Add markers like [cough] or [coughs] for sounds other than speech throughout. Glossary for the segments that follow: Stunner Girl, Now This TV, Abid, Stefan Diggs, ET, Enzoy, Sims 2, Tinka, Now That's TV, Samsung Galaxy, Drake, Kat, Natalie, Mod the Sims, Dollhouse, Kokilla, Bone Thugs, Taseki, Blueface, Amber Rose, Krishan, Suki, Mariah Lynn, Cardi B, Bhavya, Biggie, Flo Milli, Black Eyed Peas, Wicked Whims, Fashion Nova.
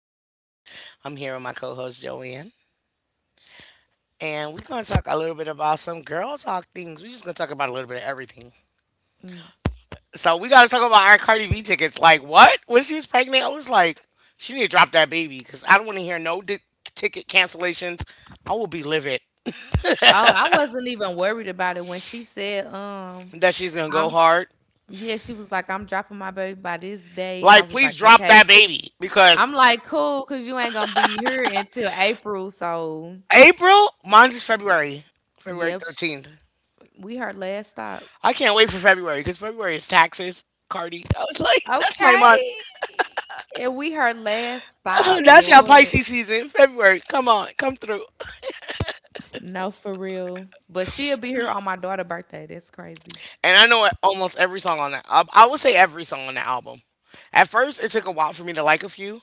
I'm your host. I'm here with my co host, Joanne, and we're going to talk a little bit about some girl talk things. We're just going to talk about a little bit of everything. Mm. So, we got to talk about our Cardi B tickets. Like, what? When she was pregnant, I was like, she need to drop that baby because I don't want to hear no ticket cancellations. I will be livid Oh, I wasn't even worried about it when she said, that she's going to go I'm hard. yeah, she was like, I'm dropping my baby by this day. I Like, was like, please drop okay, that cool. baby because I'm like, cool, because you ain't gonna be here until April. So, April, mine's is February, February yep, 13th. we her last stop. I can't wait for February because February is taxes, Cardi. I was like, that's my month. Okay. And we her last [laughs] stop, That's your Lord. Pisces season. February, come on, come through. No, for real. But she'll be here on my daughter's birthday. That's crazy. And I know almost every song on that. I would say every song on the album. At first, it took a while for me to like a few.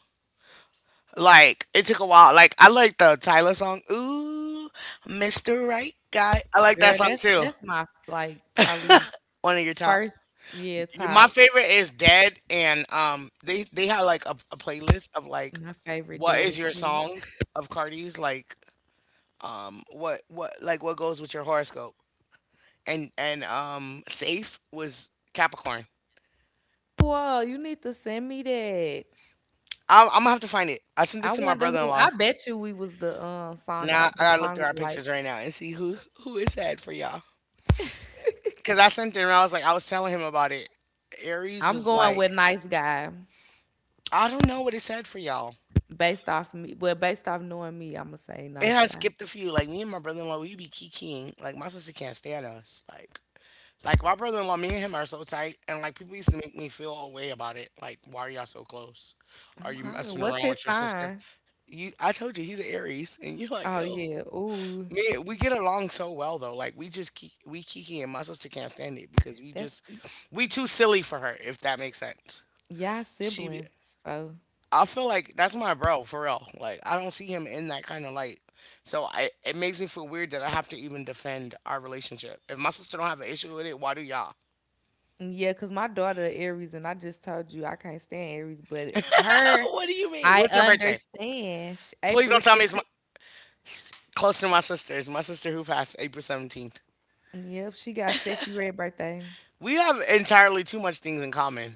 Like it took a while. Like I like the Tyler song. Ooh, Mr. Right Guy. I like that Girl, song that's too. that's my like probably One of your tops. first year My top. favorite is Dead, and they had like a playlist of like, My favorite what is did your too. song of Cardi's, like, what, like, what goes with your horoscope? And safe was Capricorn. Whoa, you need to send me that. I'm gonna have to find it. I sent I it to my wonder who. brother-in-law. I bet you we was the song Now I the gotta look song through our we like. pictures right now and see who is sad for y'all, because I sent it, and I was like, I was telling him about it. Aries I'm was going like, with Nice Guy I don't know what it said for y'all. based off me. Well, based off knowing me, I'ma say It Nice has Guy. skipped a few. Like, me and my brother-in-law, we be kikiing. Like my sister can't stand us. Like my brother in law, me and him are so tight, and like people used to make me feel a way about it. Like, why are y'all so close? Are I'm you hollering. messing What's around his with your sister? sign? You, I told you he's an Aries, and you're like, Oh ill. yeah. Ooh, Me, we get along so well though. Like we just we kiki, and my sister can't stand it because we that's just y- we too silly for her. If that makes sense. y'all She, siblings. So I feel like that's my bro for real. Like I don't see him in that kind of light. So it makes me feel weird that I have to even defend our relationship. If my sister don't have an issue with it, why do y'all? yeah, cause my daughter Aries, and I just told you I can't stand Aries, but her, What do you mean? I When's her birthday? understand. She, Please April the don't tell me it's 15th. Close to my sister's. My sister who passed April 17th. Yep, she got sexy red birthday. We have entirely too much things in common.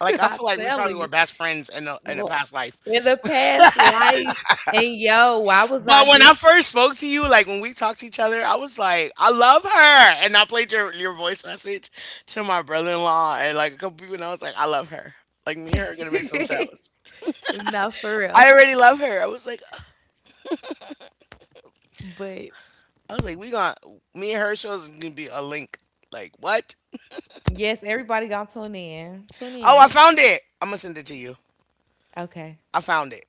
Like [laughs] I I feel like we tell probably you, were best friends in a look, past life. in the past life, and yo, why was I But when I just first spoke to you, like when we talked to each other, I was like, I love her, and I played your voice message to my brother in law and like a couple people, and I was like, I love her. Like me and her are gonna make some [laughs] shows. no for real? I already love her. But I was like, we gonna me and her shows is gonna be a link. Like what? yes, everybody gonna tune in. Tune Oh, I in. found it. I'm gonna send it to you. Okay. I found it.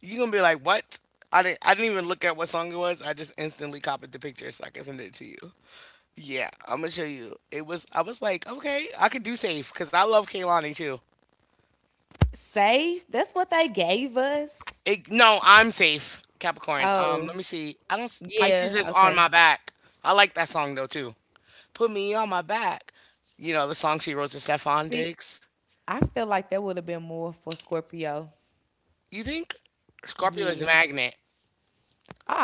You're gonna be like, what? I didn't. I didn't even look at what song it was. I just instantly copied the picture so I can send it to you. Yeah, I'm gonna show you. It was. I was like, okay, I could do safe because I love Kaylani too. Safe. That's what they gave us. No, I'm safe. Capricorn. Oh, Let me see. I don't. Pisces yeah. is on my Okay. back. I like that song though too. Put me on my back. You know the song she wrote to Stefan See, Diggs. I feel like that would have been more for Scorpio. You think Scorpio is a Yeah. magnet?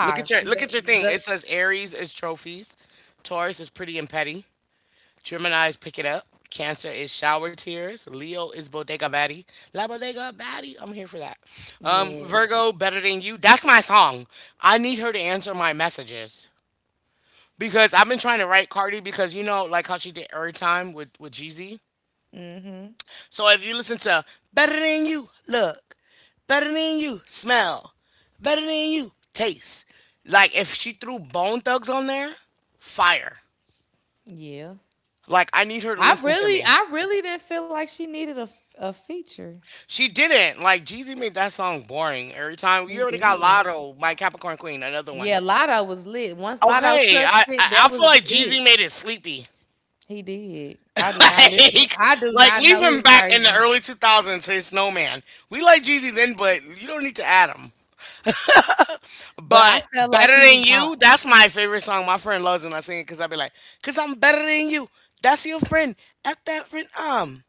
Look at your see look that. at your thing. It The, says Aries is trophies, Taurus is pretty and petty, Gemini is pick it up, Cancer is shower tears, Leo is bodega baddie, la bodega baddie. I'm here for that. Yes. Virgo better than you. That's my song. I need her to answer my messages because I've been trying to write Cardi, because you know like how she did every time with Jeezy. Mm-hmm. So if you listen to Better Than You, Look, Better Than You, Smell, Better Than You, Taste, like if she threw Bone Thugs on there, fire. Yeah. Like I need her to listen to me. I really didn't feel like she needed a, a feature. She didn't. Like Jeezy made that song boring every time. He You already got did. Lotto by Capricorn Queen, another one. Yeah, Lotto was lit. Once Lotto Okay, touched I it, I, I that feel was like it. Jeezy made it sleepy. He did. I [laughs] do not listen. like I do like not leave know him his back in the version, early 2000s, his snowman. We like Jeezy then, but you don't need to add him. but But I felt like better he than was going, you, that's my favorite song. My friend loves it when I sing it because I be like, because I'm better than you. That's your friend. F that friend.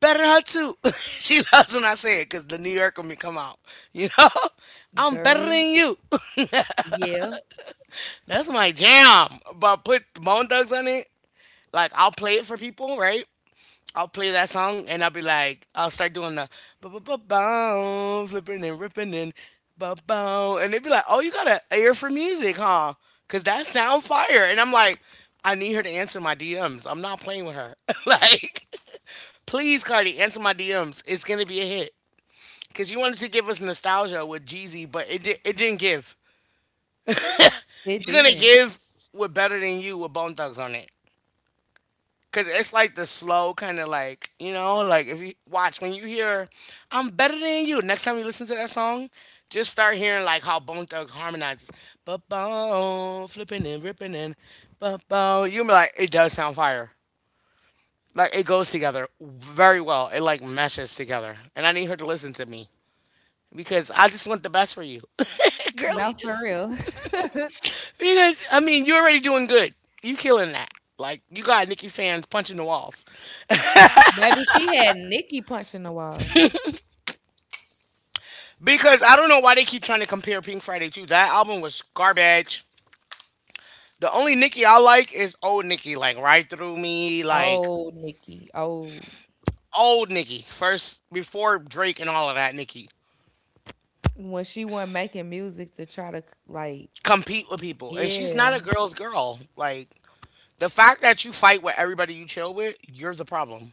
Better than her too. [laughs] She loves when I say it because the New Yorker me come out. You know, [laughs] I'm better girl. than you. [laughs] Yeah, That's my jam. But put Bone Thugs on it. Like I'll play it for people, right? I'll play that song, and I'll be like, I'll start doing the ba ba ba ba, flipping and ripping and ba ba, and they'd be like, "Oh, you got an ear for music, huh?" Cause that sound fire, and I'm like, I need her to answer my DMs. I'm not playing with her. [laughs] like, [laughs] please, Cardi, answer my DMs. It's gonna be a hit. Cause you wanted to give us nostalgia with Jeezy, but it didn't give. it You're gonna didn't. give with better than you with Bone Thugs on it. Cause it's like the slow kind of, like, you know, like, if you watch, when you hear I'm better than you, next time you listen to that song, just start hearing like how Bone Thugs harmonizes, but bone, flipping and ripping and, but bone, you be like, it does sound fire. Like it goes together very well. It like meshes together, and I need her to listen to me because I just want the best for you. [laughs] Girl, No, you for just, real. [laughs] because I mean, you're already doing good, you killing that, like, you got Nicki fans punching the walls. Maybe she had Nikki punching the walls. Because I don't know why they keep trying to compare Pink Friday. To that album was garbage. The only Nicki I like is old Nicki, like right through me, like Oh, Nikki. Oh, old Nicki first before Drake and all of that. Nicki when she wasn't making music to try to like, compete with people, and she's not yeah, a girl's girl. Like the fact that you fight with everybody you chill with, you're the problem.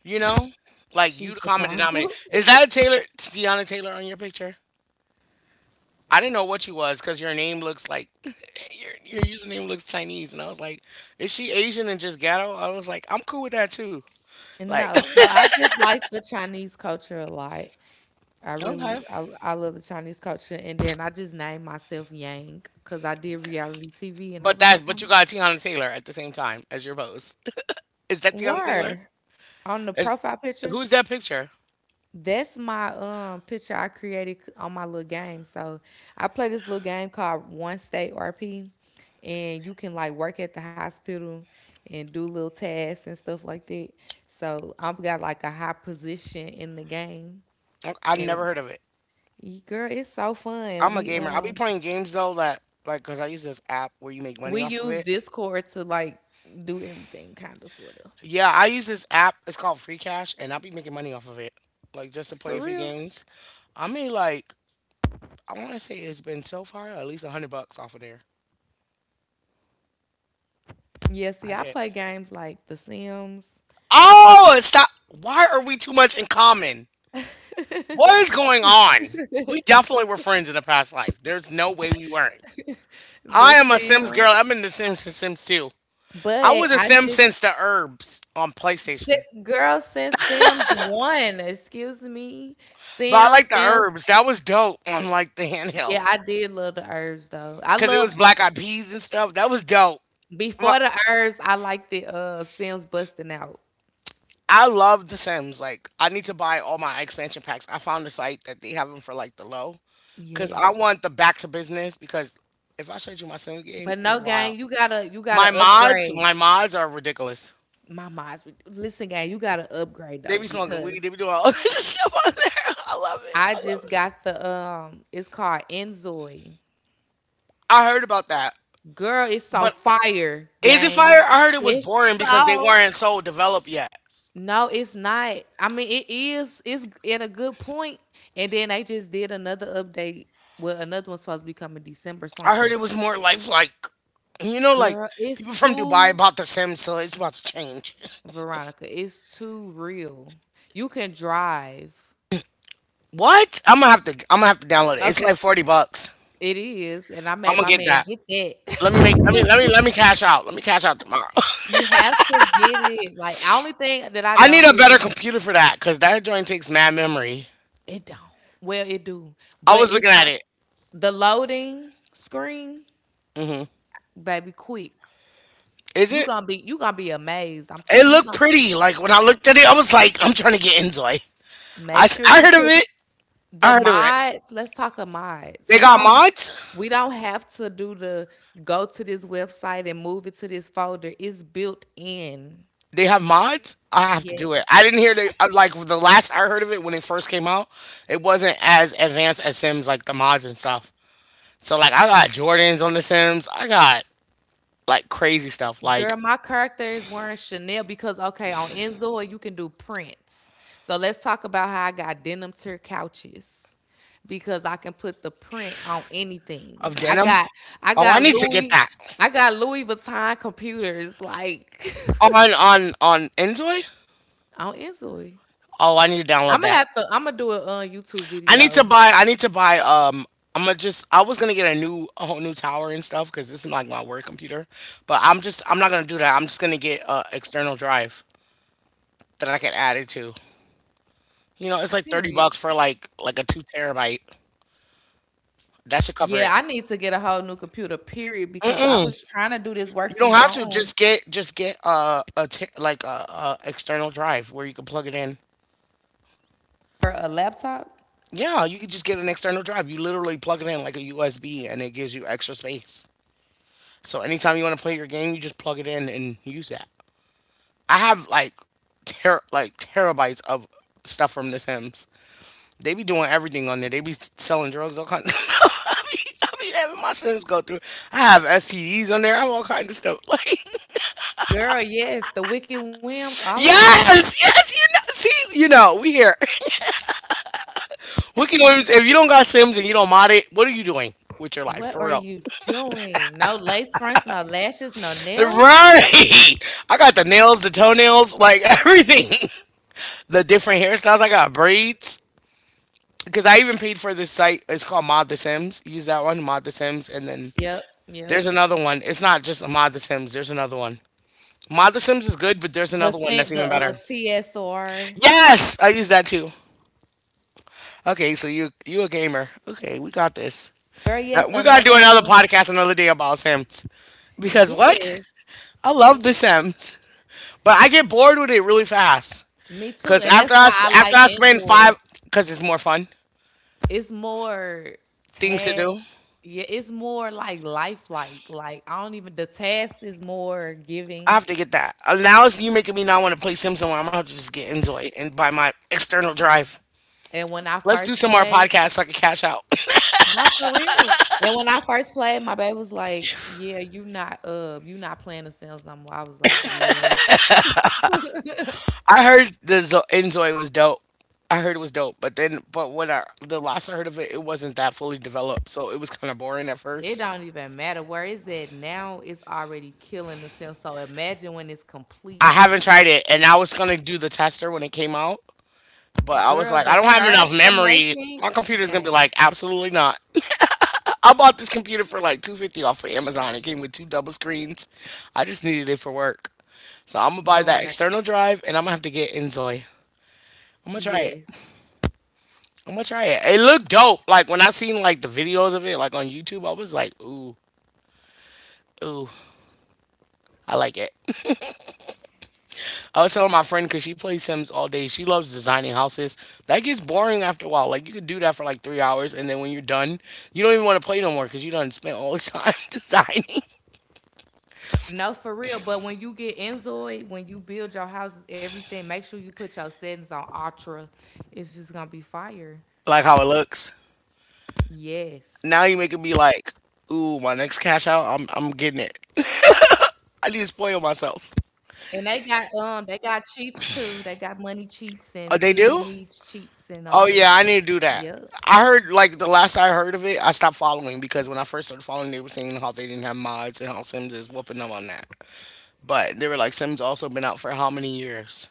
You know, like you the she's the common denominator. problem. Is [laughs] that a Taylor, Tiana Taylor, on your picture? I didn't know what you was because your name looks like [laughs] your username looks Chinese, and I was like, is she Asian and just ghetto? I was like, I'm cool with that too. Like, No, so [laughs] I just like the Chinese culture a lot. [coughs] Okay, I love the Chinese culture. And then I just named myself Yang because I did reality TV and I but was like, that's but I'm you got Tiana Taylor at the same time as your post. [laughs] Is that Tiana Taylor? were on the Is profile picture. Who's that picture? That's my picture I created on my little game. So I play this little game called One State RP, and you can like work at the hospital and do little tasks and stuff like that. So I've got like a high position in the game, I and never heard of it. Girl, it's so fun. I'm a gamer. I'll be playing games though that, like, because I use this app where you make We money off of use it. Discord to like do everything kind of sort of. Yeah, I use this app. It's called Free Cash, and I'll be making money off of it. Like, just to For play a few real. games. I made, like, I want to say it's been so far at least 100 bucks off of there. Yeah, see, I I did. play games like The Sims, Oh, stop! Why are we too much in common? [laughs] What is going on? We definitely were friends in a past life. There's no way we weren't. The I am a Sims Sims, girl. I'm in the Sims since Sims 2. I but was a I Sim just since the Herbs on PlayStation. girl since Sims 1, excuse me. But I like the Sims. Herbs. That was dope on like the Yeah, handheld. I did love the herbs though. I Because it love was but Black Eyed Peas and stuff. That was dope. before the herbs, I liked the Sims busting out. I love The Sims. Like, I need to buy all my expansion packs. I found a site that they have them for like the low, cause I Yes. want the back to business. Because if I showed you my Sims game, But it's no wild. gang, you gotta My mods, upgrade. my mods are ridiculous. Listen, gang. You gotta upgrade They though be smoking weed. They because be doing all [laughs] this stuff on there. I love it. I I love just it. got the It's called Enzoy. I heard about that, Girl, it's so but fire, Is It Fire? gang. I heard it was It's boring because they so. weren't so developed yet. No, it's not. I mean, it is. It's at a good point, and then they just did another update. Well, another one's supposed to be coming December I heard something. it was more lifelike. You know, like Girl, people it's from Dubai too bought The Sims, so it's about to change. Veronica. It's too real. You can drive. What? I'm gonna have to. I'm gonna have to download it. It's Okay, like 40 bucks. it is, and I I'm made gonna my get man that. get that. [laughs] Let me make. Let me cash out. Let me cash out tomorrow. You have to get it. Like the only thing that [laughs] I I need don't a better really computer for that because that joint takes mad memory. it don't. Well, it do. I But was looking it's at it. the loading screen, Hmm. baby, quick. Is it? You gonna be amazed. I'm It telling you, looked gonna pretty. Like when I looked at it, I was like, [laughs] I'm trying to get Enjoy. Make sure I you heard of put it. I the heard of it. mods. Let's talk of mods. They got mods. We don't have to do the go to this website and move it to this folder. It's built in. They have mods. I have to do it. Yes. I didn't hear the like the last I heard of it when it first came out. It wasn't as advanced as Sims like the mods and stuff. So like I got Jordans on the Sims. I got like crazy stuff like Girl, my character is wearing Chanel because okay, on Enzo you can do prints. So let's talk about how I got denim tier couches because I can put the print on of anything. Denim. I Oh, I got need to get Louis that I got Louis Vuitton computers like on Enjoy. [laughs] on Enzo. Oh, I need to download that. I'm gonna do a YouTube video. I need to buy. I'm gonna just. I was gonna get a whole new tower and stuff because this is like my work computer. But I'm just. I'm not gonna do that. I'm just gonna get a external drive that I can add it to. You know, it's like thirty Period. bucks for like a two terabyte. That should cover Yeah, it. I need to get a whole new computer. Period because I was trying to do this work You from don't have to home just get like a external drive where you can plug it in. for a laptop. Yeah, you can just get an external drive. You literally plug it in like a USB and it gives you extra space. So anytime you want to play your game, you just plug it in and use that. I have like like terabytes of stuff from the Sims. They be doing everything on there. They be selling drugs, all kinds. [laughs] I be having my Sims go through. I have STDs on there. I have all kinds of stuff. [laughs] Like Girl, yes, the Wicked Whims, all of that. yes, yes, you know. See, you know, we here. Wiki Williams, if you don't got Sims and you don't mod it, what are you doing with your life What for are real? you doing? No lace fronts, no lashes, no nails. Right. I got the nails, the toenails, like [laughs] everything. The different hairstyles. I got braids. Because I even paid for this site. It's called Mod the Sims. Use that one, Mod the Sims. And then Yep, yep. there's another one. It's not just Mod the Sims. There's another one. Mod the Sims is good, but there's The another one scent, that's the even better. TSR. Yes, I use that too. Okay, so you a gamer? Okay, we got this. Girl, Now, yes, we gotta do another. another podcast another day about Sims because what? Yes, I love The yes. Sims, but I get bored with it really fast. Me too, Cause and that's after I why I sp- after like I spend Enzoy. five, cause it's more fun It's more things to task. do. Yeah, it's more like lifelike. Like I don't even. The task is more I giving. have to get that. Now it's you making me not want to play Sims anymore. I'm gonna have to just get Enjoy and buy my external drive. And when I Let's do first some more played, podcasts so I can cash out. no, for real. And when I first played, my baby was like, "Yeah, you not playing the Sims no more." I was like, "Yeah, [coughs] I heard the Enjoy was dope. I heard it was dope, but when I the last I heard of it, it wasn't that fully developed, so it was kind of boring at it first. don't even matter where it's at now. It's already killing the Sims. So imagine when it's I complete, haven't tried it, and I was gonna do the tester when it came out. But I was girl. like, I The don't have enough character memory. making My computer's gonna be game, like, absolutely not. [laughs] I bought this computer for like 250 off of Amazon. It came with two double screens. I just needed it for work. So I'm gonna buy that Veronica. external drive and I'm gonna have to get Enzoy. I'm gonna try it. Yes, I'm gonna try it. It looked dope. Like when I seen like the videos of it, like on YouTube, I was like, ooh, ooh, I like it. I was telling my friend because she plays Sims all day. She loves designing houses. That gets boring after a while. Like you could do that for like 3 hours, and then when you're done, you don't even want to play no more because you done spent all this time [laughs] designing no, for real. But when you get Enzoid, when you build your houses, everything, make sure you put your settings on Ultra. It's just gonna be fire. like how it looks. Yes." Now you make it be like, ooh, my next cash out, I'm getting it. [laughs] I need to spoil And myself. They got cheats too. They got money cheats and feel your Oh, needs they do? cheats and all that stuff. Oh yeah, I need to Yep. do that. I heard like the last I heard of it, I stopped following because when I first started following, they were saying how they didn't have mods and how Sims is whooping them on that. But they were like, Sims also been out for how many years?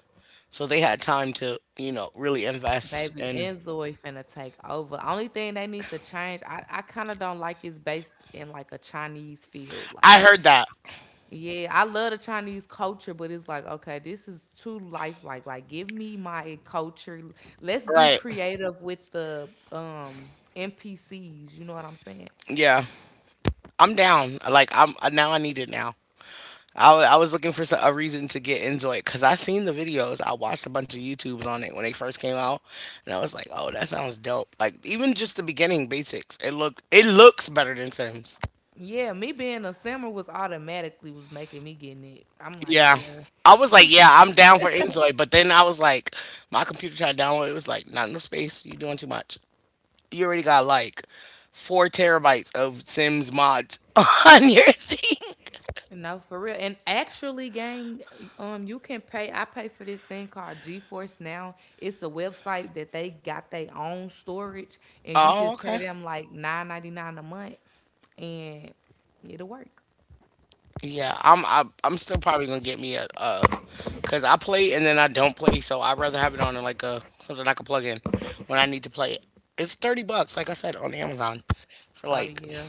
So they had time to, you know, really invest. Baby And and Zoe finna take over. Only thing they need to change, I kinda don't like it's based in like a Chinese field. I Like, heard that. yeah, I love the Chinese culture, but it's like, okay, this is too lifelike. Like, give me my culture. Let's be Right. creative with the NPCs, you know what I'm saying? Yeah. I'm down. Like, I'm now I need it now. I was looking for a reason to get into it because I seen the videos. I watched a bunch of YouTubes on it when they first came out, and I was like, "Oh, that sounds dope!" Like even just the beginning basics, it looks better than Sims. Yeah, me being a simmer was automatically was making me getting it. I'm like, Yeah. yeah, I was like, yeah, I'm down for Enjoy, but then I was like, my computer tried to download. It was like, not enough space. You doing too much. You already got like four terabytes of Sims mods [laughs] on your thing. no, for real. And actually, gang, you can pay. I pay for this thing called GeForce Now. It's a website that they got their own storage, and you Oh, just pay okay. them like 9.99 a month, and it'll work. Yeah, I'm still probably gonna get me a cause I play and then I don't play, so I'd rather have it on like a something I can plug in when I need to play it. It's $30, like I said, on Amazon for Oh like. yeah.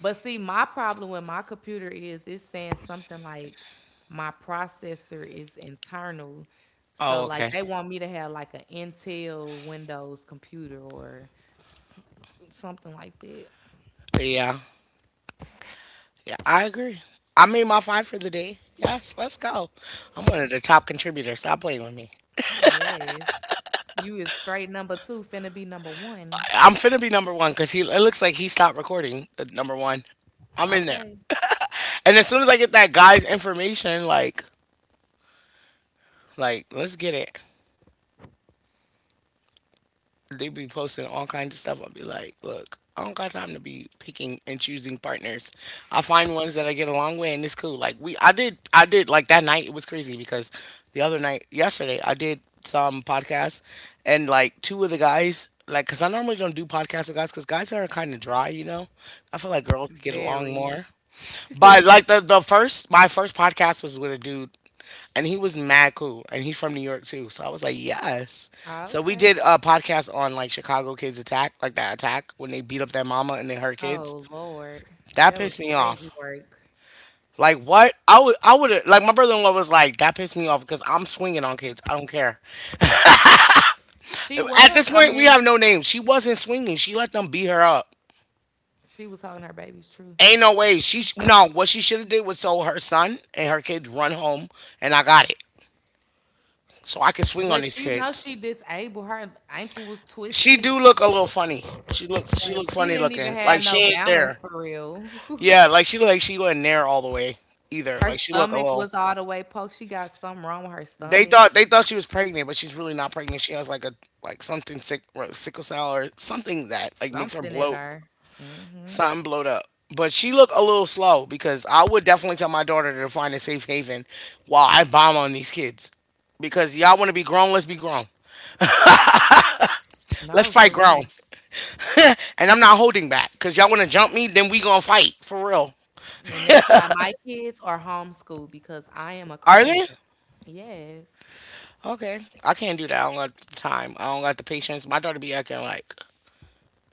But see, my problem with my computer is it's saying something like my processor is internal. So Oh, like okay. they want me to have like an Intel Windows computer or s- something like that. Yeah. Yeah, I agree. I made my five for the day. Yes, let's go. I'm one of the top contributors. Stop playing with me. Yes. You is straight number 2 finna be number 1. I'm finna be number one because he. It looks like he stopped recording. Number one, I'm in there. Okay. And as soon as I get that guy's information, like, let's get it. They be posting all kinds of stuff. I'll be like, look, I don't got time to be picking and choosing partners. I find ones that I get along with, and it's cool. Like we, I did like that night. It was crazy because the other night, yesterday, I did some podcasts, and like two of the guys. Like, cause I normally don't do podcasts with guys, cause guys are kind of dry, you know. I feel like girls get along Very. more. But [laughs] like the first my first podcast was with a dude and he was mad cool and he's from New York too. So I was like, yes. So we Okay. did a podcast on like Chicago kids attack, like that attack when they beat up their mama and then her kids. Oh Lord. That That pissed was me crazy off. work. Like what? I would have like my brother-in-law was like that pissed me off because I'm swinging on kids. I don't care. I, she At was, this I point, we mean, have no name. She wasn't swinging. She let them beat her up. she was holding her baby's true. Ain't no way. She sh- no. What she should have did was told her son and her kids run home, and I got it, so I can swing on these But you know kids. she disabled. Her ankle was She twisted. do look a little funny. She Like look she funny didn't even looking. have Like she no ain't balance there. for real. [laughs] Yeah, like she look like she wasn't there all the way either. her Like she look a stomach little. was all the way poked. She got something wrong with her They stomach. Thought she was pregnant, but she's really not pregnant. She has like a like something sick what, sickle cell or something that like makes her Something in bloat, her. hmm something bloat up. But she look a little slow because I would definitely tell my daughter to find a safe haven while I bomb on these kids because y'all want to be grown. Let's be grown. Let's No, for fight grown. real. And I'm not holding back because y'all want to jump me, then we gonna fight for real. And that's why my kids are homeschooled because I am a Are they? crasher. Yes. Okay, I can't do that. I don't got the time. I don't got the patience. My daughter be acting like,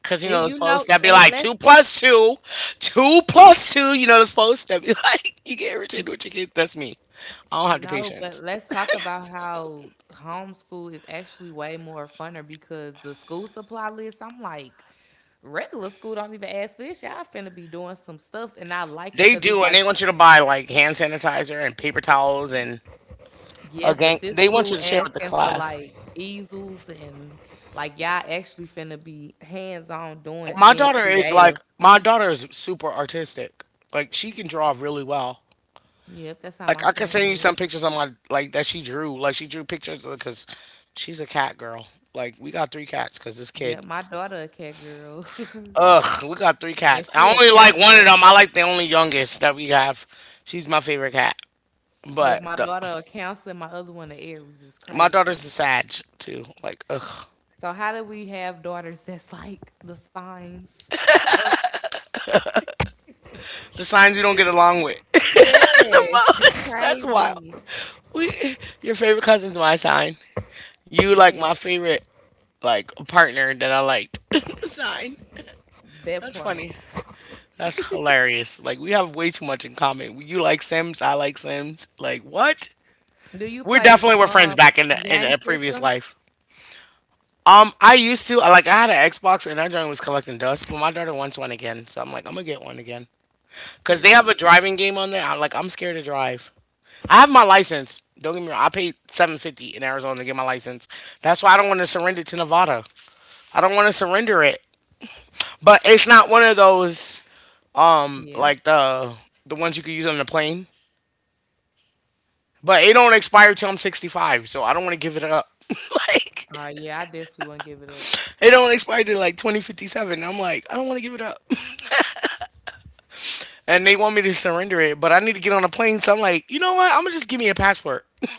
cause you know You those know, posts that be and like two let's plus two, two plus two. You know those posts that be like, [laughs] you get irritated with your kids. That's me. I don't have the no, but patience. let's talk about how homeschool is actually way more funner because the school supply list, I'm like, regular school don't even ask for this. Y'all finna be doing some stuff, and I like it They because it's do, and like, they want you to buy like hand sanitizer and paper towels and a yes, gang. but this They want school you to share with the asking for class. like easels and like y'all actually finna be hands on doing being creative. My daughter is super artistic. Like she can draw really well. Yep, that's how Like my I could son send you is. some pictures on my like that she drew. Like she drew pictures because she's a cat girl. Like we got three cats because this kid. Yep, my daughter a cat girl, [laughs] Ugh, we got three and cats. she I a only like one of Cancer. them. I like the only youngest that we have. She's my favorite cat. Look, But my the, daughter a Cancer, and my other one a Aries is my daughter's a crazy. Sag too. Like ugh, So how do we have daughters that's like the signs? the signs we don't get along with. [laughs] [laughs] yes, it's That's wild. crazy. We, your favorite cousin's my sign. You like Yes. my favorite like partner that I liked. [laughs] sign. That That's part. funny. That's hilarious. Like we have way too much in common. You like Sims, I like Sims. Like what? Do you We play definitely were friends back in game a previous systems? life. I used to I had an Xbox and that joint was collecting dust, but my daughter wants one again, so I'm like I'm gonna get one again because they have a Period. driving game on there. I'm like I'm scared to drive. I have my license. Don't get me wrong. I paid 750 in Arizona to get my license. That's why I don't want to surrender it to Nevada. I don't want to surrender it. But it's not one of those Yeah. like the ones you could use on the plane. But it don't expire till I'm 65, so I don't want to give it up. [laughs] Like Yeah, I definitely wouldn't give it up. it don't expire till like 2057. I'm like, I don't want to give it up. And they want me to surrender it, but I need to get on a plane, so I'm like, you know what? I'm gonna just give me a passport. [laughs]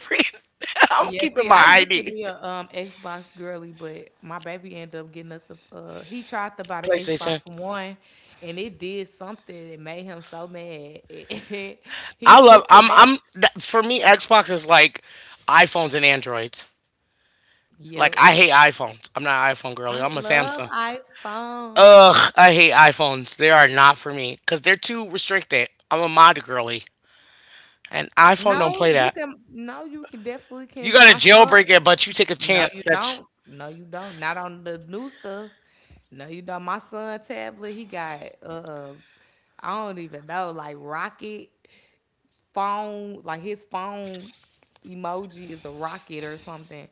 I'm Yeah, keeping see, my I used to ID. be a Xbox girly, but my baby ended up getting us a he tried to buy the PlayStation. Xbox One and it did something that made him so mad. [laughs] he I love. took it I'm. back. I'm. That, for me, Xbox is like iPhones and Androids. Like Yep. I hate iPhones. I'm not an iPhone girly. I I'm a love Samsung. iPhone. Ugh, I hate iPhones. They are not for me because they're too restricted. I'm a mod girly. And iPhone don't play that. No, you can definitely You can gotta my son jailbreak it, but you take a no, chance you that don't. No, you don't. Not on the new stuff. No, you don't. My son tablet, he got I don't even know, like rocket phone, like his phone emoji is a rocket or something.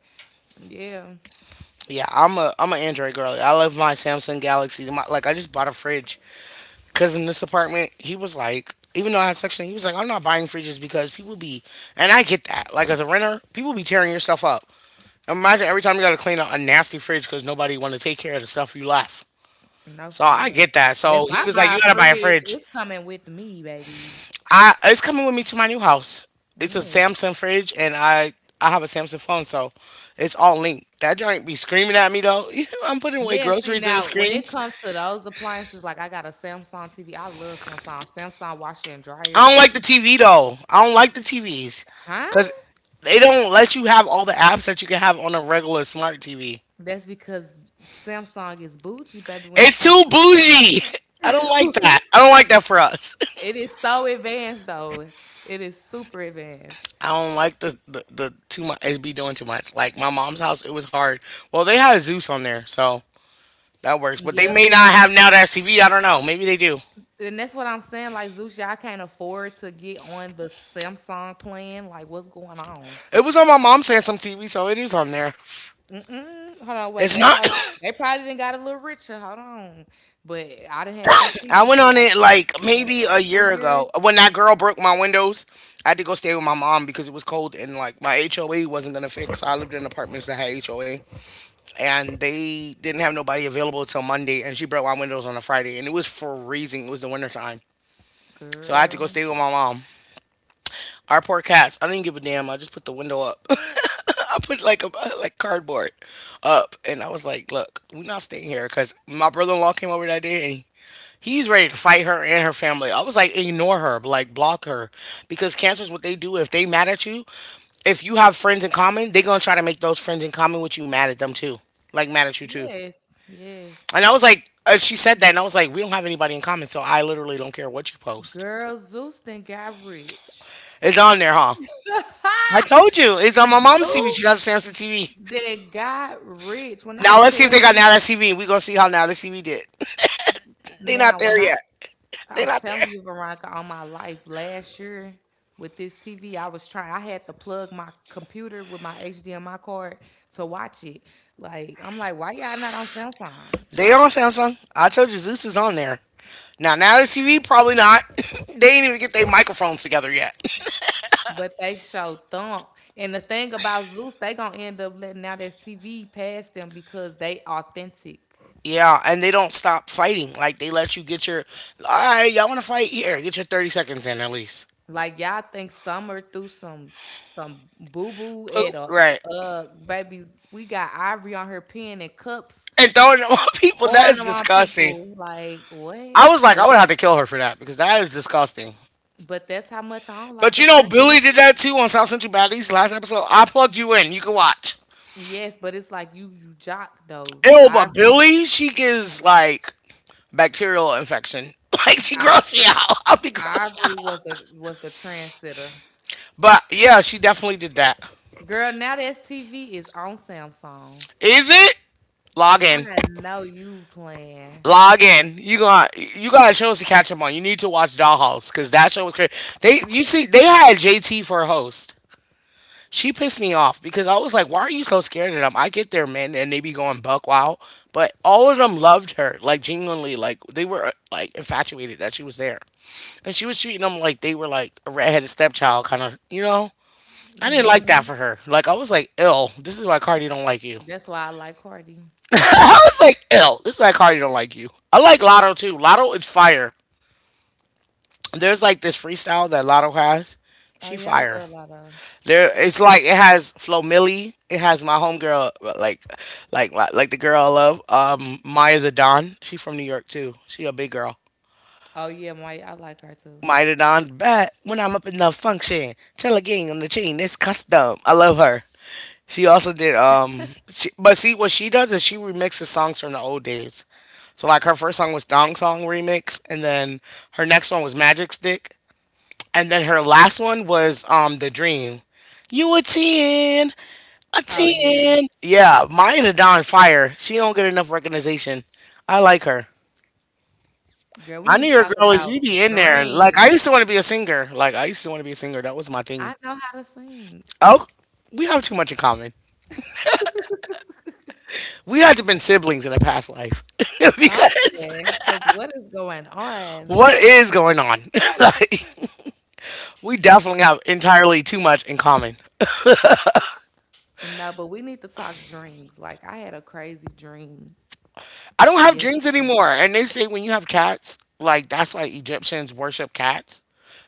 Yeah. yeah. I'm an Android girly. I love my Samsung Galaxy. My, like I just bought a fridge because in this apartment he was like, even though I have section, he was like, I'm not buying fridges because people be, and I get that. Like as a renter, people be tearing your stuff up. Imagine every time you gotta clean out a nasty fridge because nobody want to take care of the stuff you left. No, So for I real. get that. If So he I was like, buy you a gotta buy a fridge, fridge. it's coming with me, baby. I it's coming with me to my new house. It's a Yeah. Samsung fridge, and I have a Samsung phone, so it's all linked. That joint be screaming at me though. [laughs] I'm putting away Yeah, see groceries and it now when it screams. comes to those appliances, like I got a Samsung TV. I love Samsung. Samsung washer and dryer, I don't like like, the TV though. I don't like the TVs huh? because they don't let you have all the apps that you can have on a regular smart TV. That's because Samsung is bougie, baby, when it It's comes too to the bougie. [laughs] I don't like TV. that. [laughs] I don't like that for us. [laughs] it is so advanced, though. It is super advanced. I don't like the too much. It be doing too much. Like my mom's house, it was hard. Well, they had Zeus on there, so that works. But they Yep. may not have now that TV. I don't know. Maybe they do. And that's what I'm saying. Like, Zeus, y'all can't afford to get on the Samsung plan. Like, what's going on? It was on my mom's Samsung TV, so it is on there. Mm-mm. Hold on, wait. It's not. [coughs] They probably didn't got a little richer. Hold on. But I done had this I TV went for on like, it like what, maybe a two year years? ago when that girl broke my windows. I had to go stay with my mom because it was cold and like my HOA wasn't gonna fix. I lived in apartments that had HOA and they didn't have nobody available till Monday. And she broke my windows on a Friday and it was freezing. It was the winter time, so I had to go Girl. stay with my mom. Our poor cats. I didn't give a damn. I just put the window up. [laughs] [laughs] I put like a like cardboard up, and I was like, "Look, we're not staying here." Because my brother-in-law came over that day, and he's ready to fight her and her family. I was like, "Ignore her, like block her," because cancer is what they do. If they mad at you, if you have friends in common, they gonna try to make those friends in common with you mad at them too, like mad at you too. Yes. Yes. And I was like, she said that, and I was like, "We don't have anybody in common, so I literally don't care what you post. Girl, Zeus then got rich. It's on there, huh?" I [laughs] told you, it's on my mom's TV. Goof She got a Samsung TV. that got rich. When I Now let's see if tell they got you Now That's TV. We're gonna see how Now That's TV did. [laughs] They not now, there when I yet. They I'm not there. telling you, Veronica, all my life last year with this TV, I was trying. I had to plug my computer with my HDMI card to watch it. Like I'm like, why y'all not on Samsung? They on Samsung. I told you Zeus is on there. Now Now That's TV probably not. [laughs] They ain't even get their microphones together yet. [laughs] But they show thump. And the thing about Zeus, they gonna end up letting out this TV pass them because they authentic. Yeah, and they don't stop fighting. Like they let you get your all right, y'all wanna fight here, get your 30 seconds in at least. Like y'all think Summer threw some boo boo at Poop. a Right. Babies. We got Ivory on her pen and cups And throwing it on [laughs] people, that throwing is them on disgusting. people. Like what? I was like, But, I would have to kill her for that because that is disgusting. but that's how much I don't like But a you know, person. Billy did that too on South Central Baddies last episode. I plugged you in. You can watch. Yes, but it's like you jock though. Ew, but Billy, she gives like bacterial infection. [laughs] Like she I, grossed me out. [laughs] I'll be grossed out. Ivory was a was the trendsetter. But yeah, she definitely did that. Girl, now that's TV is on Samsung. Is it? Log in. I know you playing. Log in. You got shows to catch up on. You need to watch Dollhouse because that show was crazy. They You see they had JT for a host. She pissed me off because I was like, why are you so scared of them? I get their men and they be going buck wild. But all of them loved her, like genuinely, like they were like infatuated that she was there. And she was treating them like they were like a redheaded stepchild, kind of, you know? I didn't like that Hmm. for her. Like, I was like, ill. This is why Cardi don't like you. That's why I like Cardi. [laughs] I was like, ill. This is why Cardi don't like you. I like Lotto too. Lotto is fire. There's like this freestyle that Lotto has. Oh She yeah, I fire. love Lotto. There, it's like it has Flo Milli. It has my homegirl, like, like the girl I love, Maya the Don. She from New York too. She a big girl. Oh yeah, Maya, I like her too. Maya the Don, but when I'm up in the function, tell a gang on the chain, it's custom. I love her. She also did but see what she does is she remixes songs from the old days. So like her first song was Dong Song remix and then her next one was Magic Stick and then her last one was The Dream. You a 10, a Oh yeah. 10. Yeah, mine are on fire. She don't get enough recognition. I like her. Girl, we My need New to talk York girl is we about be in there. Like I used dreams. to want to be a singer. Like I used to want to be a singer. That was my I thing. know how to sing. Oh, we have too much in common. We had to been siblings in a past life [laughs] because Something. Cause what is going on? what is going on? [laughs] Like, we definitely have entirely too much in common. No, but we need to talk dreams. Like I had a crazy dream I don't have dreams yesterday. anymore. And they say when you have cats, like that's why Egyptians worship cats.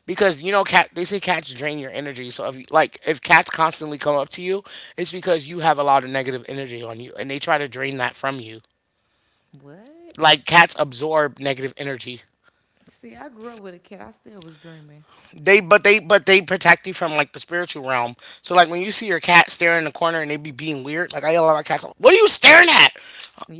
Because you know cat they say cats drain your energy. So if you- like if cats constantly come up to you, it's because you have a lot of negative energy on you and they try to drain that from you. What? Like cats absorb negative energy. See, I grew up with a kid. I still was dreaming. They protect you from like the spiritual realm. So like when you see your cat staring in the corner and they be being weird, like I yell at my cats, "What are you staring at?"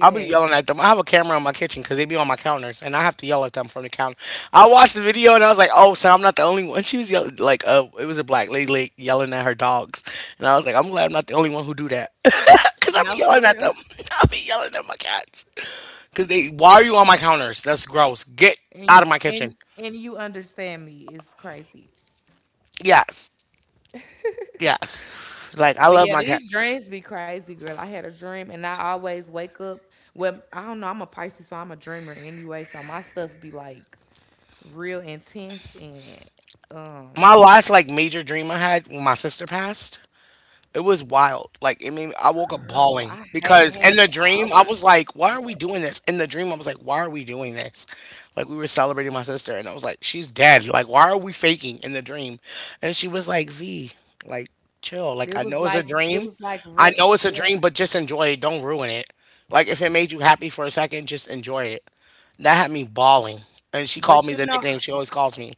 I'll be yelling at them. I have a camera in my kitchen because they be on my counters, and I have to yell at them from the counter. I watched the video and I was like, "Oh, so I'm not the only one." She was yelling like, it was a black lady like, yelling at her dogs," and I was like, "I'm glad I'm not the only one who do that." [laughs] Cause I be No, yelling for at them. real. [laughs] I be yelling at my cats. Cause they, why are you on my counters? That's gross. Get And out of my kitchen. and and you understand me. It's crazy. Yes. Yes. Like I But love yeah, my these cats. dreams be crazy, girl. I had a dream and I always wake up. Well, I don't know. I'm a Pisces, so I'm a dreamer anyway. So my stuff be like real intense and um My last like major dream I had when my sister passed, it was wild. Like it made me, I woke up girl, bawling I hate because in the having, oh dream I my was like, why are we god. doing this? In the dream I was like, why are we doing this? Like we were celebrating my sister and I was like, she's dead. Like why are we faking in the dream? And she was like, V, like chill. Like It I was know it's a like it dream. was like I real know it's a real dream, life. but just enjoy it. Don't ruin it. Like if it made you happy for a second, just enjoy it. That had me bawling. And she called But me you the know, nickname she always calls me.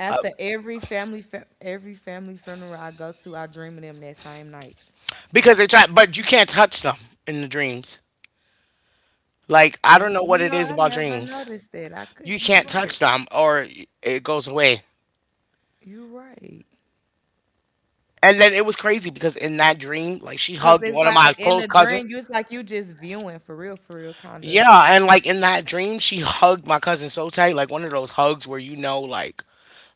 at the every family fe- every family funeral I go to, I dream of them that same night. Because they try, but you can't touch them in the dreams. Like, I don't know You what it know, is I about never dreams. noticed that. I You could, you can't right. touch them or it goes away. You right. And then it was crazy because in that dream, like, she Cause hugged it's one of like my in the close dream, cousins. you it's like you just viewing for real, kind of. Yeah, and like in that dream, she hugged my cousin so tight, like one of those hugs where you know, like,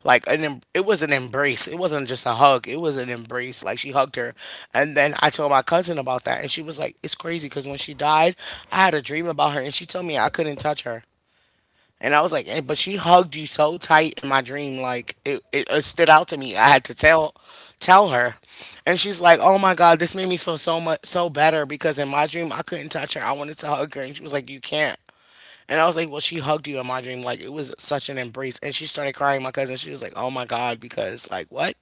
it was an embrace. It wasn't just a hug. It was an embrace. Like she hugged her, and then I told my cousin about that, and she was like, "It's crazy because when she died, I had a dream about her, and she told me I couldn't touch her." And I was like, eh, but she hugged you so tight in my dream, like it stood out to me. I had to tell her. And she's like, oh my God, this made me feel so better because in my dream I couldn't touch her. I wanted to hug her and she was like, you can't. And I was like, well, she hugged you in my dream. Like, it was such an embrace. And she started crying, my cousin. She was like, oh my God, because, like, what?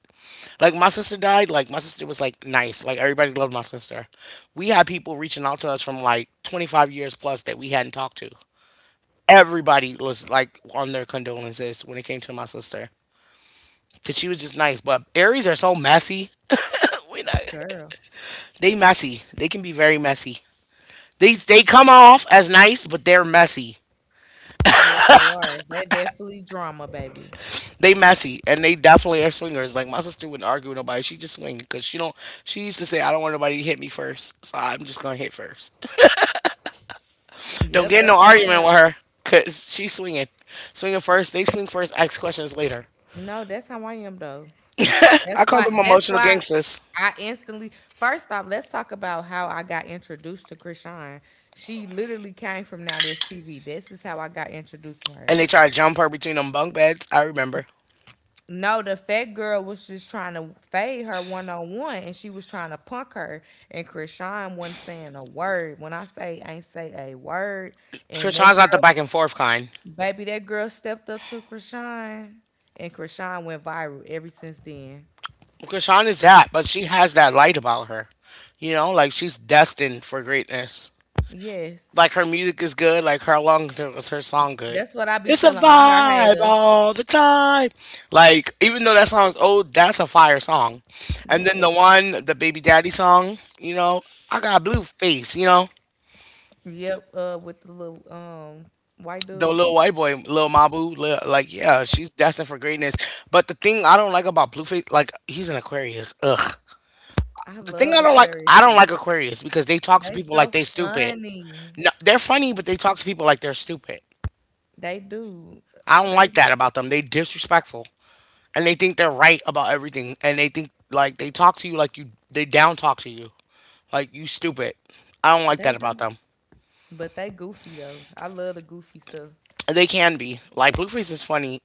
Like, my sister died. Like, my sister was, like, nice. Like, everybody loved my sister. We had people reaching out to us from, like, 25 years plus that we hadn't talked to. Everybody was, like, on their condolences when it came to my sister. Because she was just nice. But Aries are so messy. We not, Girl, they messy. They can be very messy. They come off as nice, but they're messy. yes, they are. They definitely drama, baby. They messy and they definitely are swingers. Like my sister wouldn't argue with nobody. She just swing because she don't. She used to say, "I don't want nobody to hit me first, so I'm just gonna hit first." [laughs] do Don't Yep, get in no that's how I argument am. with her because she's swinging, swinging first. They swing first. Ask questions later. No, that's how I am though. I That's call why. them That's emotional why gangsters, I instantly. First off, let's talk about how I got introduced to Krishan. She literally came from Now This TV. This is how I got introduced to her. and they try to jump her between them bunk beds. I remember. No, the fat girl was just trying to fade her one on one, and she was trying to punk her. And Krishan wasn't saying a word. When I say ain't say a word, and that Krishan's girl, not the back and forth kind. baby, that girl stepped up to Krishan, and Krishan went viral ever since then. Krishan is that, but she has that light about her. You know, like she's destined for greatness. Yes, Like her music is good. Like her long was her song good. that's what I be It's a telling all her vibe haters. all the time. Like even though that song's old, that's a fire song. And then Yes, the baby daddy song. You know, I got Blue Face. You know, yep, with the little white the dude. little white boy, little Mabu. Lil, like yeah, she's destined for greatness. But the thing I don't like about Blueface, like he's an Aquarius. Ugh. I The thing love Aquarius. I don't like Aquarius because they talk to They people like so they stupid. funny. No, they're funny, but they talk to people like they're stupid. They do. I don't They like that do. about them. They disrespectful and they think they're right about everything and they think like they talk to you like you they down talk to you like you stupid. I don't like that They about do. them. But they goofy though. I love the goofy stuff. They can be like Blueface is funny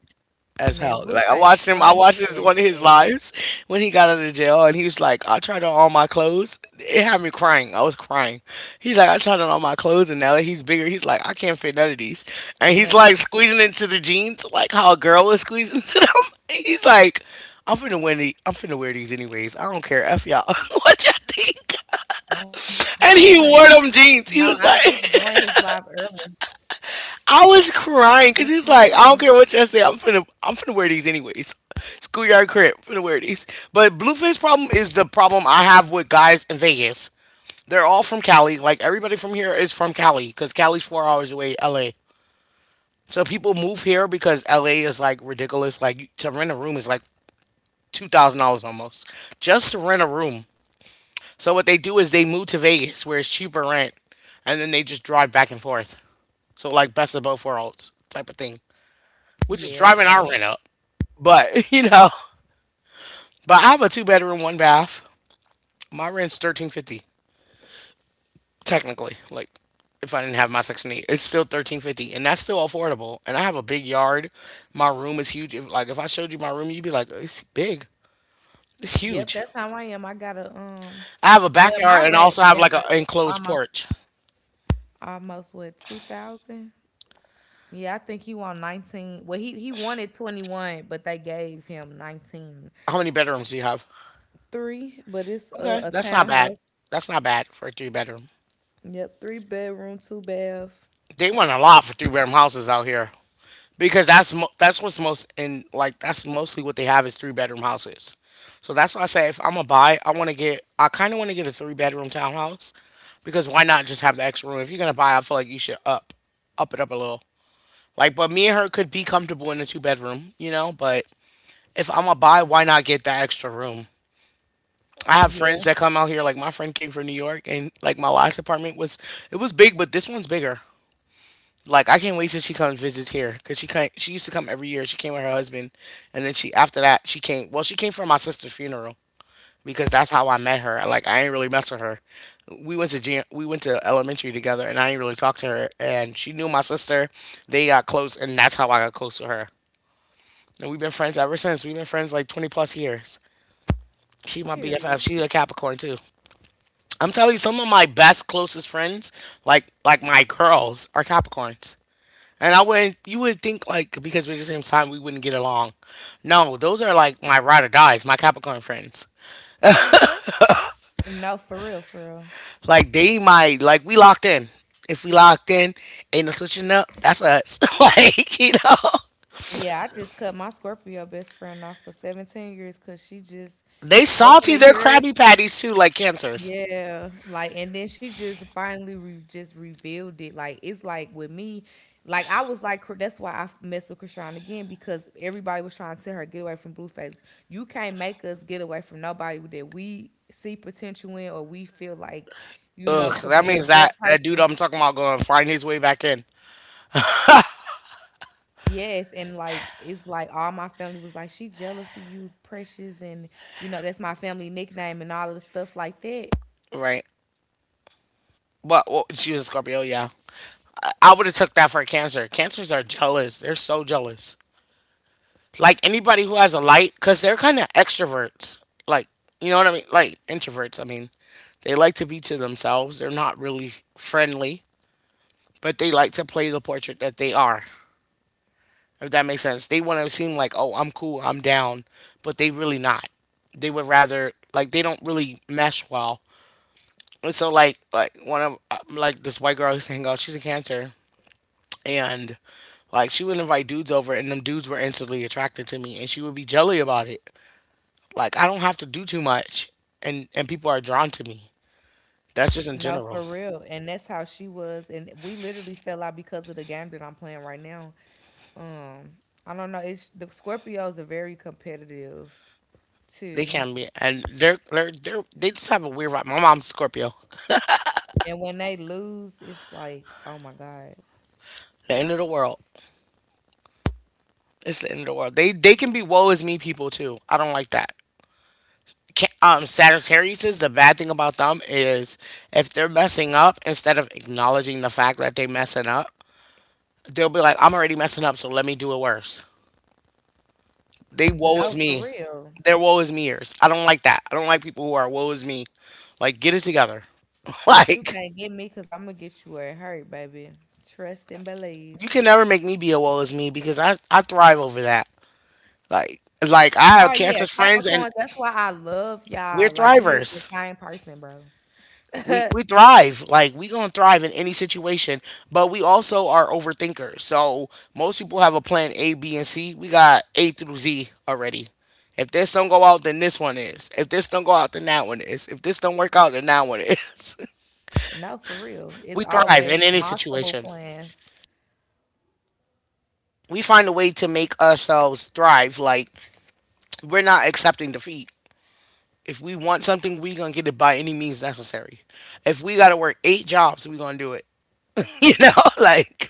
as Man, hell. Like I watched Blueface him. I watched funny his, as one of his hell. lives when he got out of jail, and he was like, "I tried on all my clothes." It had me crying. I was crying. He's like, "I tried on all my clothes, and now that he's bigger, he's like, I can't fit none of these." And he's like Nothing. squeezing into the jeans, like how a girl was squeezing into them. [laughs] He's like, "I'm finna wear these. I'm finna wear these anyways. I don't care. F y'all. [laughs] what y'all I'm think?" hollering. And No, he I wore them just joined jeans. He his was live like. [laughs] earlier. I was crying because he's Mm-mm. like, I don't care what y'all say, I'm finna wear these anyways. Schoolyard crimp, finna wear these. But blueface problem is the problem I have with guys in Vegas. They're all from Cali. Like everybody from here is from Cali because Cali's 4 hours away, LA. So people move here because LA is like ridiculous. Like to rent a room is like $2,000 almost just to rent a room. So what they do is they move to Vegas where it's cheaper rent, and then they just drive back and forth. So like best of both worlds type of thing, which is Yeah, driving fact. our rent up. But [laughs] you know, but I have a two bedroom, one bath. My rent's 1,350 technically. Like if I didn't have my Section 8, it's still 1,350, and that's still affordable. And I have a big yard. My room is huge. If like if I showed you my room, you'd be like, it's big. It's Yep, huge. that's how I am. I got to. I have a Well, my backyard and I rent also have damn like an near enclosed almost porch. Almost. What, 2,000? Yeah, I think he won nineteen. Well, he wanted twenty one, but they gave him nineteen How many bedrooms do you have? three. But it's a, Okay, a that's not bad. townhouse. That's not bad for a three bedroom. Yep, three bedroom, two bath. They want a lot for three-bedroom houses out here because that's what's most in like that's mostly what they have is three-bedroom houses. So that's why I say if I'm gonna buy, I kind of want to get a three-bedroom townhouse because why not just have the extra room? If you're gonna buy, I feel like you should up it up a little. Like, but me and her could be comfortable in a two bedroom, you know. But if I'm gonna buy, why not get that extra room? I have friends Yeah. that come out here. Like my friend came from New York, and like my last apartment was it was big, but this one's bigger. Like I can't wait till she comes visits here because she used to come every year. She came with her husband, and then she after that she came. Well, she came for my sister's funeral because that's how I met her. Like I ain't really mess with her. We went to elementary together, and I ain't really talked to her. And she knew my sister. They got close, and that's how I got close to her. And we've been friends ever since. We've been friends like 20 plus years. She my BFF. Period. She's a Capricorn too. I'm telling you, some of my best closest friends, like my girls, are Capricorns. And I wouldn't, you would think like because we're the same sign, we wouldn't get along. No, those are like my ride or dies, my Capricorn friends. No, for real, for real. Like they might, like we locked in. If we locked in, ain't no switching up. That's us. [laughs] like you know, Yeah, I just cut my Scorpio best friend off for 17 years because she just, they over salty the their years, Krabby Patties too, like cancers. yeah, like, and then she just finally re- just revealed it. Like, it's like with me, like, I was like, that's why I messed with Krishan again because everybody was trying to tell her, get away from Blueface. You can't make us get away from nobody that we see potential in or we feel like, Ugh, could that be a means good that dude person. I'm talking about going find his way back in, Yes, and like it's like all my family was like, she jealous of you, precious, and that's my family nickname and all of the stuff like that. right? But well, she was a Scorpio, yeah. I would have took that for a Cancer. Cancers are jealous. They're so jealous. Like anybody who has a light, because they're kind of extroverts. Like, you know what I mean? Like introverts, I mean. They like to be to themselves. They're not really friendly, but they like to play the portrait that they are, if that makes sense. They want to seem like, oh, I'm cool, I'm down, but they really not. They would rather, like, they don't really mesh well. And so, like, like this white girl who's hanging out, she's a cancer, and, like, she would invite dudes over, and them dudes were instantly attracted to me, and she would be jelly about it. Like I don't have to do too much, and people are drawn to me. That's just in No, for general. real. And that's how she was. And we literally fell out because of the game that I'm playing right now. Um, I don't know, it's the Scorpios are very competitive They too. can be, and they're they just have a weird vibe. My mom's Scorpio. And when they lose, it's like, oh my God. The end of the world. It's the end of the world. They can be woe is me people too. I don't like that. Sagittarius the bad thing about them is if they're messing up, instead of acknowledging the fact that they messing up, they'll be like, "I'm already messing up, so let me do it worse." They woe No, is for me. real. They're woe is me years. I don't like that. I don't like people who are woe is me. Like, get it together. [laughs] But you like, can't get me because I'm gonna get you where it hurt, baby. Trust and you believe. can never make me be a woe is me because I thrive over that. Like, like I Oh have yeah, cancer friends and Capricorns. That's why I love we're y'all. Like we is the thrivers. same person, bro. We thrive like we gonna thrive in any situation, but we also are overthinkers, so most people have a plan A, B, and C, we got A through Z already. If this don't go out then this one is, if this don't go out then that one is, if this don't work out then that one is. [laughs] No, for real. It's We thrive always in any multiple situation. plans. We find a way to make ourselves thrive. Like we're not accepting defeat. If we want something, we gonna get it by any means necessary. If we gotta work eight jobs, we gonna do it. [laughs] You know, like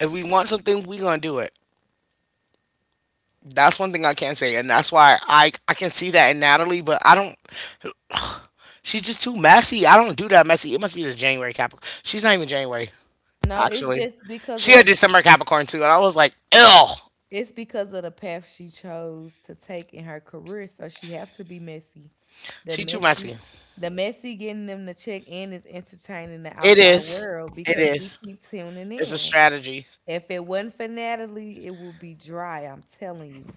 if we want something, we gonna do it. That's one thing I can't say, and that's why I can see that in Natalie, but I don't. She's just too messy. I don't do that messy. It must be the January Capricorn. She's not even January No, it's actually. just because She of a the December Capricorn too, and I was like, ill. it's because of the path she chose to take in her career. So she have to be messy. The She too messy messy. the messy getting them to check in is entertaining the It outside is. world It because we is. keep tuning It's a in. strategy. If it wasn't for Natalie, it would be dry, I'm telling you.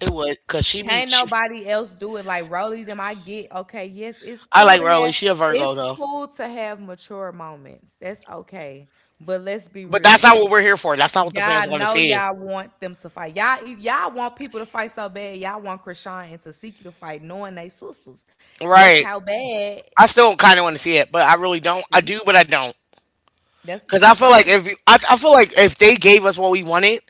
It would, cause she be Can't she. nobody else do it like Rolly them. I get, okay. Yes, it's I cool like to Rowley. have. She a Virgo It's though, cool to have mature moments. That's okay. But let's be but real. that's not what we're here for. That's not what the fans Y'all want to know see. y'all want them to fight. Y'all want people to fight so bad. Y'all want Krishan and Tasiki to fight, knowing they sisters. That's Right. how bad. I still kind of want to see it, but I really don't. I See, do, but I don't, cause I feel like right. if you, I feel like if they gave us what we wanted,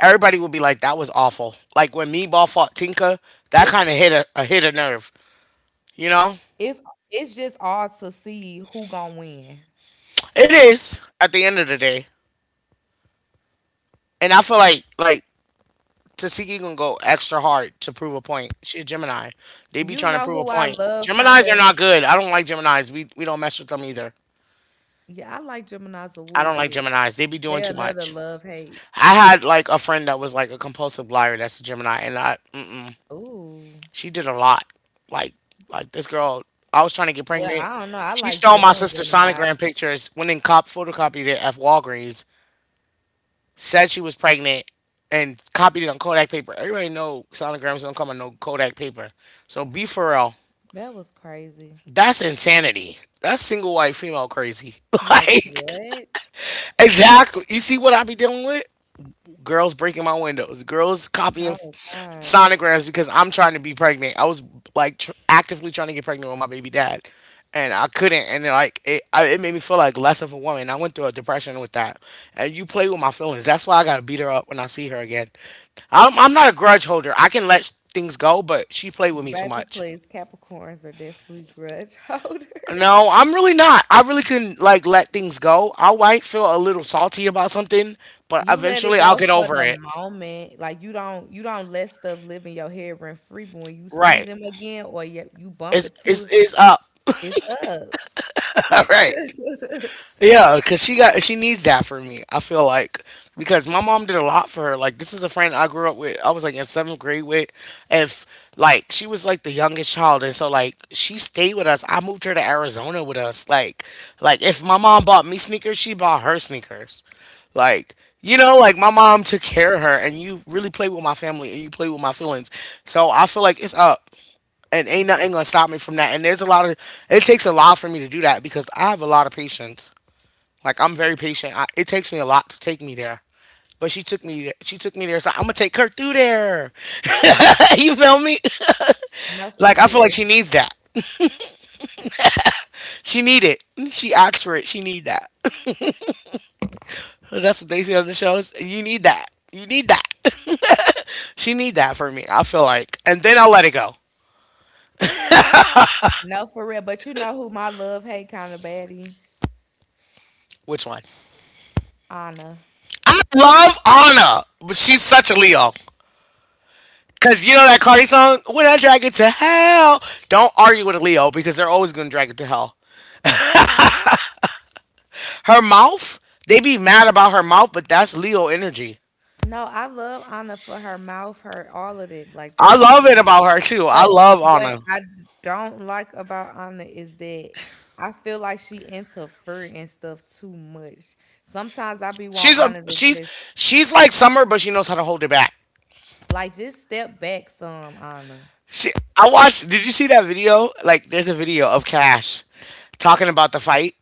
everybody would be like, "That was awful." Like when Meatball fought Tinka, It's that kind of hit a nerve. You know, it's it's just all to see who gonna win. it is at the end of the day, and I feel like Tasiki gonna go extra hard to prove a point. She a Gemini. They You be trying know to who prove a I point. love, kind Geminis of. are not good. I don't like Geminis. We don't mess with them either. Yeah, I like Gemini's a I little don't like bit. Geminis. They be doing They're too another much. love hate. I had like a friend that was like a compulsive liar. That's a Gemini, and I mm-mm, Ooh. she did a lot. Like like this girl. I was trying to get Well, pregnant. I don't know. I She like stole my June sister's Gemini. sonogram pictures. Went and cop photocopied it at Walgreens. Said she was pregnant and copied it on Kodak paper. Everybody know sonograms don't come on no Kodak paper. So be for real. That was crazy. That's insanity. That's single white female crazy. [laughs] Like Like, what? exactly. You see what I be dealing with? Girls breaking my windows. Girls copying Oh God. sonograms because I'm trying to be pregnant. I was like actively trying to get pregnant with my baby dad, and I couldn't. And like it, it made me feel like less of a woman. I went through a depression with that. And you play with my feelings. That's why I gotta beat her up when I see her again. I'm not a grudge holder. I can let things go, but she played with me too Baby, much. please, Capricorns are definitely grudge [laughs] No, holders. I'm really not. I really can like let things go. I might feel a little salty about something, but You let it eventually I'll go get for over the it. moment. Like you don't let stuff live in your head rent free, but when you see Right. them again or you bump It's into it's it, it's up. it's up. [laughs] All right. [laughs] Yeah, because she needs that for me. I feel like because my mom did a lot for her. Like this is a friend I grew up with. I was like in seventh grade with. If like she was like the youngest child, and so like she stayed with us. I moved her to Arizona with us. Like if my mom bought me sneakers, she bought her sneakers. Like you know, like my mom took care of her, and you really play with my family and you play with my feelings. So I feel like it's up and ain't nothing gonna stop me from that. And there's a lot of it takes a lot for me to do that because I have a lot of patience. Like I'm very patient. It takes me a lot to take me there, but she took me. She took me there. So I'm gonna take her through there. [laughs] You feel me? [laughs] No, for Like I feel like real. she needs that. She need it. She asked for it. She need that. [laughs] That's what they say on the shows. You need that. You need that. [laughs] She need that for me. I feel like, and then I'll let it go. No, for real. But you know who my love hate kind of baddie? Which one? Anna. I love Anna, but she's such a Leo. Cause you know that Cardi song, "When I Drag It to Hell." Don't argue with a Leo because they're always gonna drag it to hell. Her mouth, they be mad about her mouth, but that's Leo energy. No, I love Anna for her mouth, her all of it, like, I that's why I love it like. about her too. I But love what Anna. I d don't like about Anna is that I feel like she interfere and stuff too much. Sometimes I be She's want a Anna to she's just she's like Summer, but she knows how to hold it back. like, "Just step back some, Anna." She, I watched. Did you see that video? Like, there's a video of Cash talking about the fight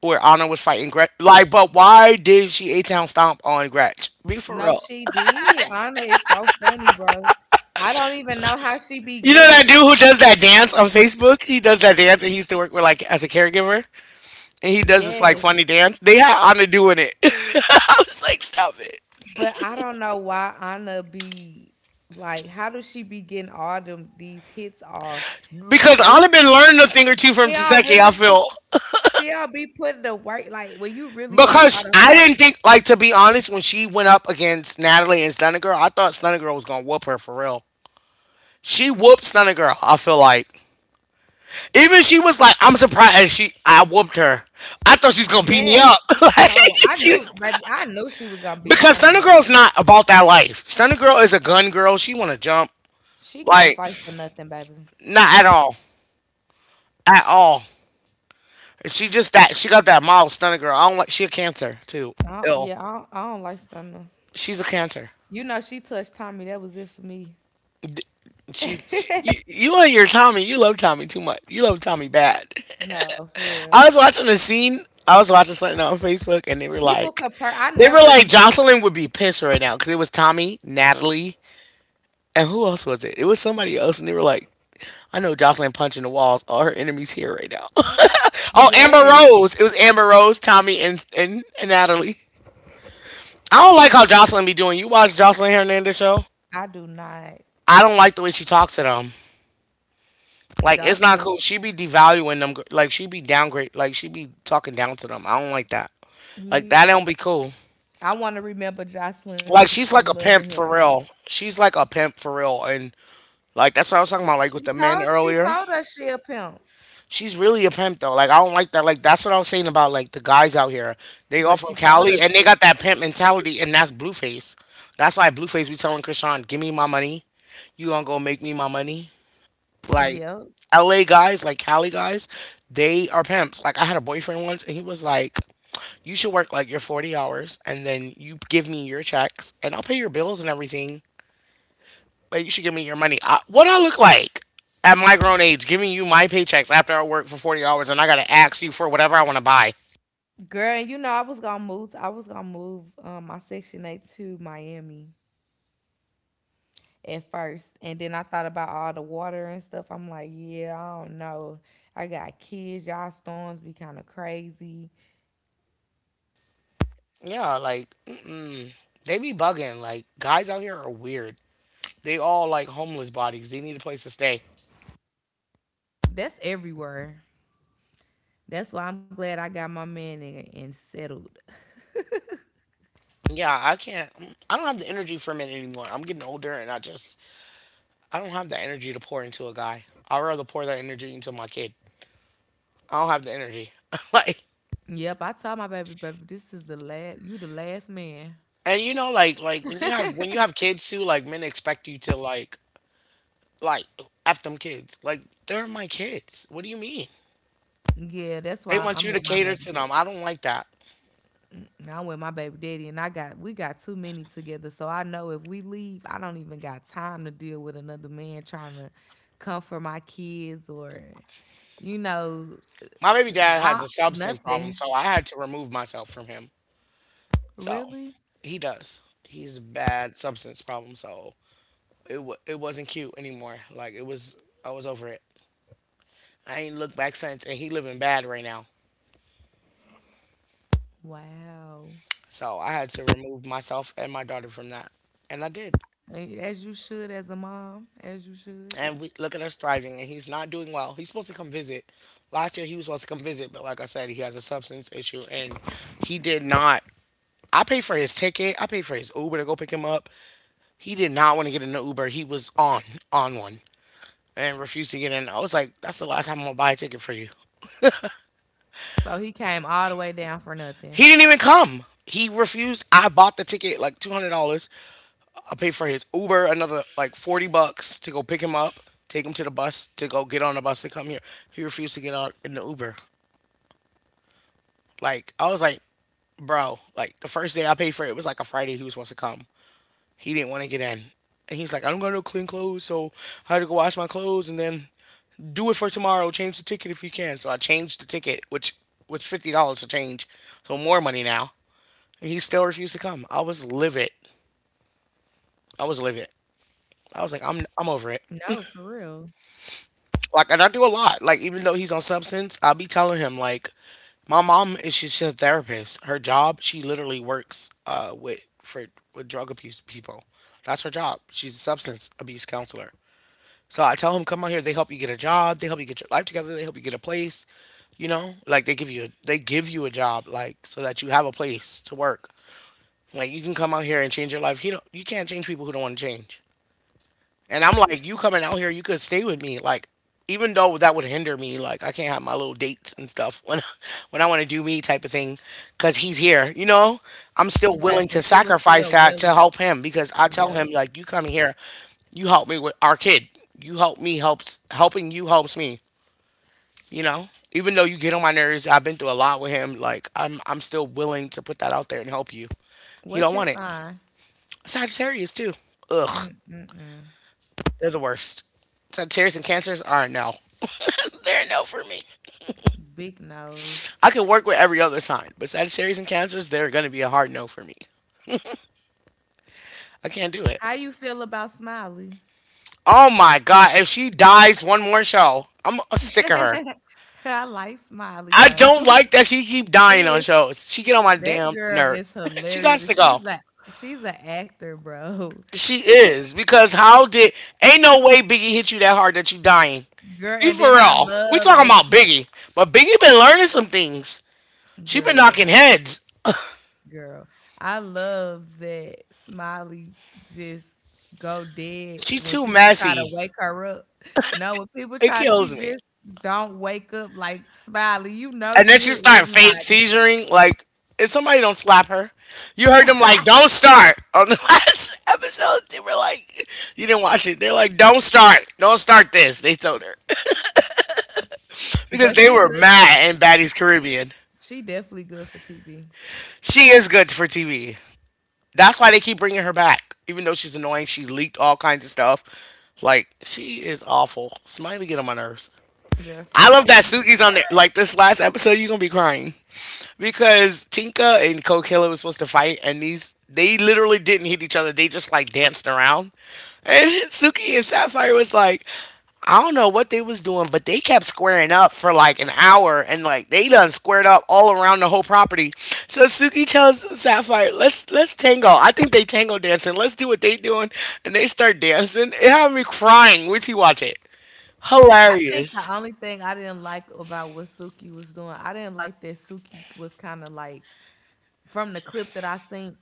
where Anna was fighting Gretch. Like, but why did she A Town stomp on Gretch? Be for No, real. she did. Anna is so funny, bro. I don't even know how she be You know getting. that dude who does that dance on Facebook? He does that dance and he used to work with like as a caregiver. And he does this Yes, like funny dance. They had Anna doing it. [laughs] I was like, stop it. but I don't know why Anna be like, how does she be getting all them these hits off? Because And Anna been learning a thing or two from She all Taseki, I really feel. she all be putting the work like when you really watch out the Because I fight. didn't think, like, to be honest, when she went up against Natalie and Stunner Girl, I thought Stunner Girl was going to whoop her for real. She whooped Stunner Girl, I feel like. Even she was like, I'm surprised she I whooped her. I thought she's going to beat me Yes. up. [laughs] Like, No, I she knew, baby, I knew she was gonna be because Stunner, Stunner baby. Girl's not about that life. Stunner Girl is a gun girl. She want to jump. She can't Like, fight for nothing, baby. not at all. At all. She just that she got that mild stunner girl. I don't like. She a cancer too. I Ill. Yeah, I don't like Stunner. She's a cancer. You know she touched Tommy, that was it for me. [laughs] You and your Tommy. You love Tommy too much. You love Tommy bad. No, for real. I was watching a scene. I was watching something on Facebook, and they were People like, compare, I they were never. like, Jocelyn would be pissed right now because it was Tommy, Natalie, and who else was it? It was somebody else, and they were like, I know Jocelyn punching the walls. All her enemies here right now. [laughs] Oh, Amber Yes, Rose. It was Amber Rose, Tommy, and Natalie. I don't like how Jocelyn be doing. You watch Jocelyn Hernandez show. I do not. I don't like the way she talks to them. Like it's not cool. Jocelyn. She be devaluing them. Like she be downgrade. Like she be talking down to them. I don't like that. Like that don't Yeah. be cool. I wanna remember Jocelyn Like from she's Love like and a Hip pimp Hop. for real. She's like a pimp for real. And like that's what I was talking about. Like She with the told men she earlier. told us she a pimp, She's really a pimp though. Like I don't like that. Like that's what I was saying about like the guys out here. They but all she from told Cali us and they that. got that pimp mentality and that's Blueface. That's why Blueface be telling Krishan, "Give me my money. You gonna go make me my money." Like Yep. LA guys, like Cali guys, they are pimps. Like I had a boyfriend once and he was like, "You should work like your 40 hours and then you give me your checks and I'll pay your bills and everything." Like, you should give me your money. What I look like at my grown age, giving you my paychecks after I work for 40 hours and I got to ask you for whatever I want to buy. Girl, and you know I was gonna move my section eight to Miami at first. And then I thought about all the water and stuff. I'm like, yeah, I don't know. I got kids, y'all storms be kinda crazy. Yeah, like, mm-mm. They be bugging. Like, guys out here are weird. They all like homeless bodies. They need a place to stay. That's everywhere. That's why I'm glad I got my man and, settled. Yeah, I can't. Mm, I don't have the energy for men anymore. I'm getting older and I don't have the energy to pour into a guy. I'd rather pour that energy into my kid. I don't have the energy. [laughs] Like, Yep, I told my baby, this is the last man. and you know, like when you have kids too, like men expect you to like, F them kids. Like, they're my kids. What do you mean? Yeah, that's They why want I'm you to with my cater baby to dad. them. I don't like that. I'm with my baby daddy, and I got we got too many together. So I know if we leave, I don't even got time to deal with another man trying to comfort my kids or, you know, My baby dad has I, a substance problem, nothing. so I had to remove myself from him. So, Really? he does. He's a bad substance problem, so it wasn't cute anymore. Like, it was, I was over it. I ain't looked back since, and he living bad right now. Wow. So I had to remove myself and my daughter from that, and I did. As you should, as a mom, as you should. And we look at us thriving and he's not doing well. He's supposed to come visit, last year he was supposed to come visit, but like I said, he has a substance issue and he did not. I paid for his ticket, I paid for his Uber to go pick him up. He did not want to get in the Uber. He was on one and refused to get in. I was like, that's the last time I'm gonna buy a ticket for you. So he came all the way down for He nothing. didn't even come. He refused. I bought the ticket like $200. I paid for his Uber another like 40 bucks to go pick him up, take him to the bus, to go get on the bus to come here. He refused to get out in the Uber. Like I was like, bro, like the first day I paid for it, it was like a Friday he was supposed to come. He didn't want to get in. And he's like, I don't got no clean clothes, so I had to go wash my clothes and then do it for tomorrow. Change the ticket if you can. So I changed the ticket, which was $50 to change. So more money now. And he still refused to come. I was livid. I was livid. I was like, I'm over it. No, for real. Like, and I do a lot. Like, even though he's on substance, I'll be telling him like, my mom is she's just a therapist. Her job, she literally works with for with drug abuse people. That's her job. She's a substance abuse counselor. So I tell him, come out here. They help you get a job. They help you get your life together. They help you get a place. You know, like they give you a, they give you a job, like so that you have a place to work. Like you can come out here and change your life. He don't, you can't change people who don't want to change. And I'm like, you coming out here, you could stay with me. Like, even though that would hinder me, like I can't have my little dates and stuff when [laughs] when I want to do me type of thing, because he's here. You know, I'm still Right, willing to but you was sacrifice still that to willing. help him because I tell him Yep. like, you coming here, you help me with our kid. You help me helps helping you helps me. You know, even though you get on my nerves, I've been through a lot with him. Like I'm still willing to put that out there and help you. He don't What's want his it. sign? Sagittarius too. Ugh. Mm-mm-mm. They're the worst. Sagittarius and Cancers are a no. They're a no for me. Big nose. I can work with every other sign, but Sagittarius and Cancers, they're going to be a hard no for me. I can't do it. How you feel about Smiley? Oh my God. If she dies one more show, I'm sick of her. [laughs] I like Smiley I though. don't like that she keep [laughs] dying She on is. shows. She get on my That damn girl is nerves. [laughs] She got hilarious. And to go. she's like, she's an actor, bro. [laughs] She is because how did ain't no way Biggie hit you that hard that you dying. Girl, Be and for then I real. We love talking that about she. Biggie, but Biggie been learning some things. She been Girl, knocking heads. girl. I love that Smiley just go dead She when too people try to messy. wake her up. No, when people It try, she kills me. just don't wake up like Smiley. You know And then you she hear start fake everybody. seizuring. Like, if somebody don't slap her, you heard them like, [laughs] "Don't start." On the [laughs] last episode, they were like, "You didn't watch it." They're like, "Don't start. Don't start this." They told her [laughs] because But they she were good. mad in Baddie's Caribbean. She definitely good for TV. She is good for TV. That's why they keep bringing her back. Even though she's annoying, she leaked all kinds of stuff. Like, she is awful. Smiley get on my nerves. Girl, I love that Smiley. Suki's on there. Like this last episode, you're gonna be crying, because Tinka and Kokilla was supposed to fight, and these they literally didn't hit each other. They just like danced around, and [laughs] Suki and Sapphire was like, I don't know what they was doing, but they kept squaring up for like an hour, and like they done squared up all around the whole property. So Suki tells Sapphire, "Let's tango. I think they tango dancing. Let's do what they doing." And they start dancing. It had me crying. Wait till you watch it. I think the Hilarious. only thing I didn't like about what Suki was doing, I didn't like that Suki was kind of like, from the clip that I seen,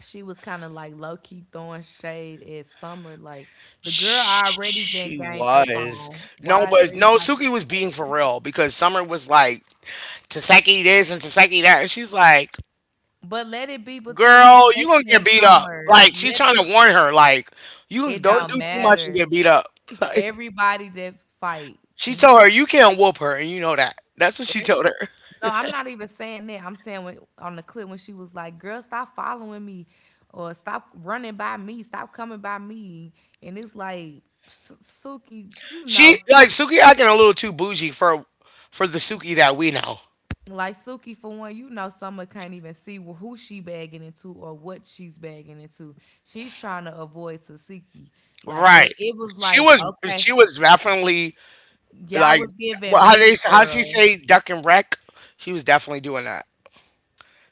she was kind of like low key throwing shade at Summer. Like the girl already getting She gained up was. on. No, Why is but no, everybody? Suki was being for real because Summer was like, Taseki this and Taseki that. And she's like, But let it be between girl, you going to Taseki get and beat up. Summer. Like, she's Let trying to warn her, like, you it. don't do Don't too much and matter. get beat up. [laughs] Like, Everybody that fight, she mm, told her, you can't whoop her. And you know that. That's what she e told her. no, I'm not even saying that. I'm saying when, on the clip when she was like, "Girl, stop following me, or stop running by me, stop coming by me," and it's like Suki, She, like, Suki acting a little too bougie for the Suki that we know. like Suki for one, Summer can't even see who she bagging into or what she's bagging into. She's trying to avoid Tasiki, like, but Right. it was She like, was okay, she was definitely y'all like, was well, giving how they Mean how she Girl, say duck and wreck? She was definitely doing that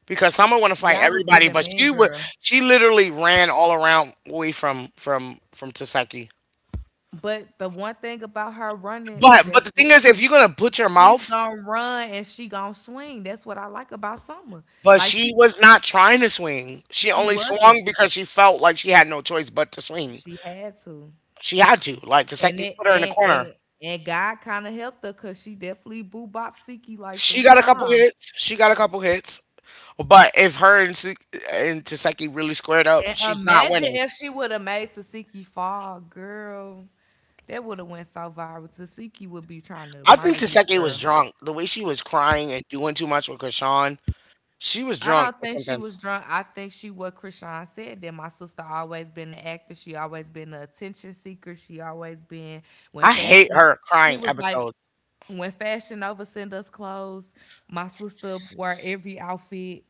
because someone want y'all to was fight giving everybody, Mean but she Girl. would she literally ran all around away from from Taseki. But the one thing about her running, that's But the what. thing is, if you're gonna put your She's mouth, gonna run and she gonna swing. That's what I like about Summer. but Like she she was not trying to swing. She she only wasn't. swung because she felt like she had no choice but to swing. She had to. She had to. Like And Taseki it put her in the corner. and God kind of helped her because she definitely boo bop Siki like She three got a couple times. hits. She got a couple hits. But if her and, Su- and Taseki really squared up, And she's not imagine winning. if she would have made Tasiki fall, girl. That would have went so viral. Tasiki would be trying to I think murder this Taseke was girl. drunk. The way she was crying and doing too much with Krishan, she was I drunk don't or think she something. was drunk. I think she, what Krishan said, that my sister always been an actor. She always been an attention seeker. She always been when I hate fashion. her She crying was like episodes. when Fashion Nova send us clothes. My sister wore every outfit.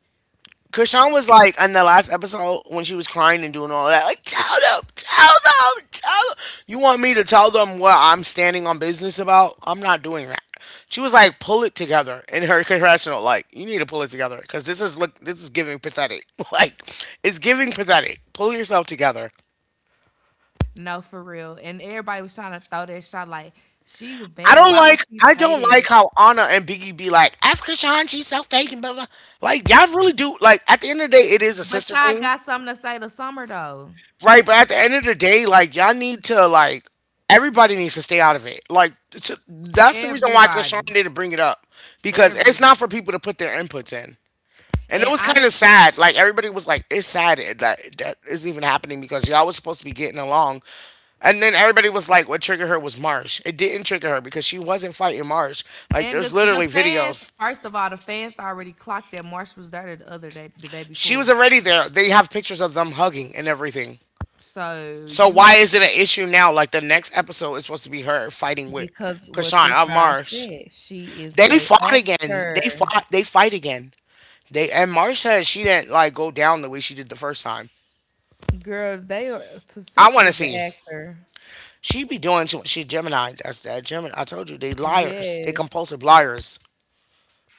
Krishan was like in the last episode when she was crying and doing all that, like tell them, tell them, tell them. You want me to tell them what I'm standing on business about? I'm not doing that. She was like, pull it together in her congressional. Like, you need to pull it together because this is look, this is giving pathetic. [laughs] Like, it's giving pathetic. Pull yourself together. No, for real. And everybody was trying to throw that shot like she was I bad. don't Why would like she I say don't like that? how Anna and Biggie be like Africa Sean, she's so fake and blah blah. Like y'all really do like at the end of the day it is a But sister y'all thing, got something to say to summer though. right? But at the end of the day, like y'all need to like everybody needs to stay out of it. Like t that's the reason why Krishan Everybody, didn't bring it up because it's not everybody. for people to put their inputs in. And it And was kind of honestly, sad. Like everybody was like, "It's sad that that is even happening because y'all was supposed to be getting along." And then everybody was like, "What triggered her was Marsh." It didn't trigger her because she wasn't fighting Marsh. Like and there's the literally fans, videos. first of all, the fans already clocked that Marsh was there the other day, the day She was before. already there. They have pictures of them hugging and everything. So So you, why is it an issue now? Like the next episode is supposed to be her fighting with because what Krishan Chris of Shaw Marsh. said, she is They a fought again. They actor. fought. They fight again. They and Marsh said she didn't like go down the way she did the first time. Girl, they are I Tasiki want to is an see. actor. She be doing too much. She Gemini. That's that Gemini. I told you they liars. They Yes, compulsive liars.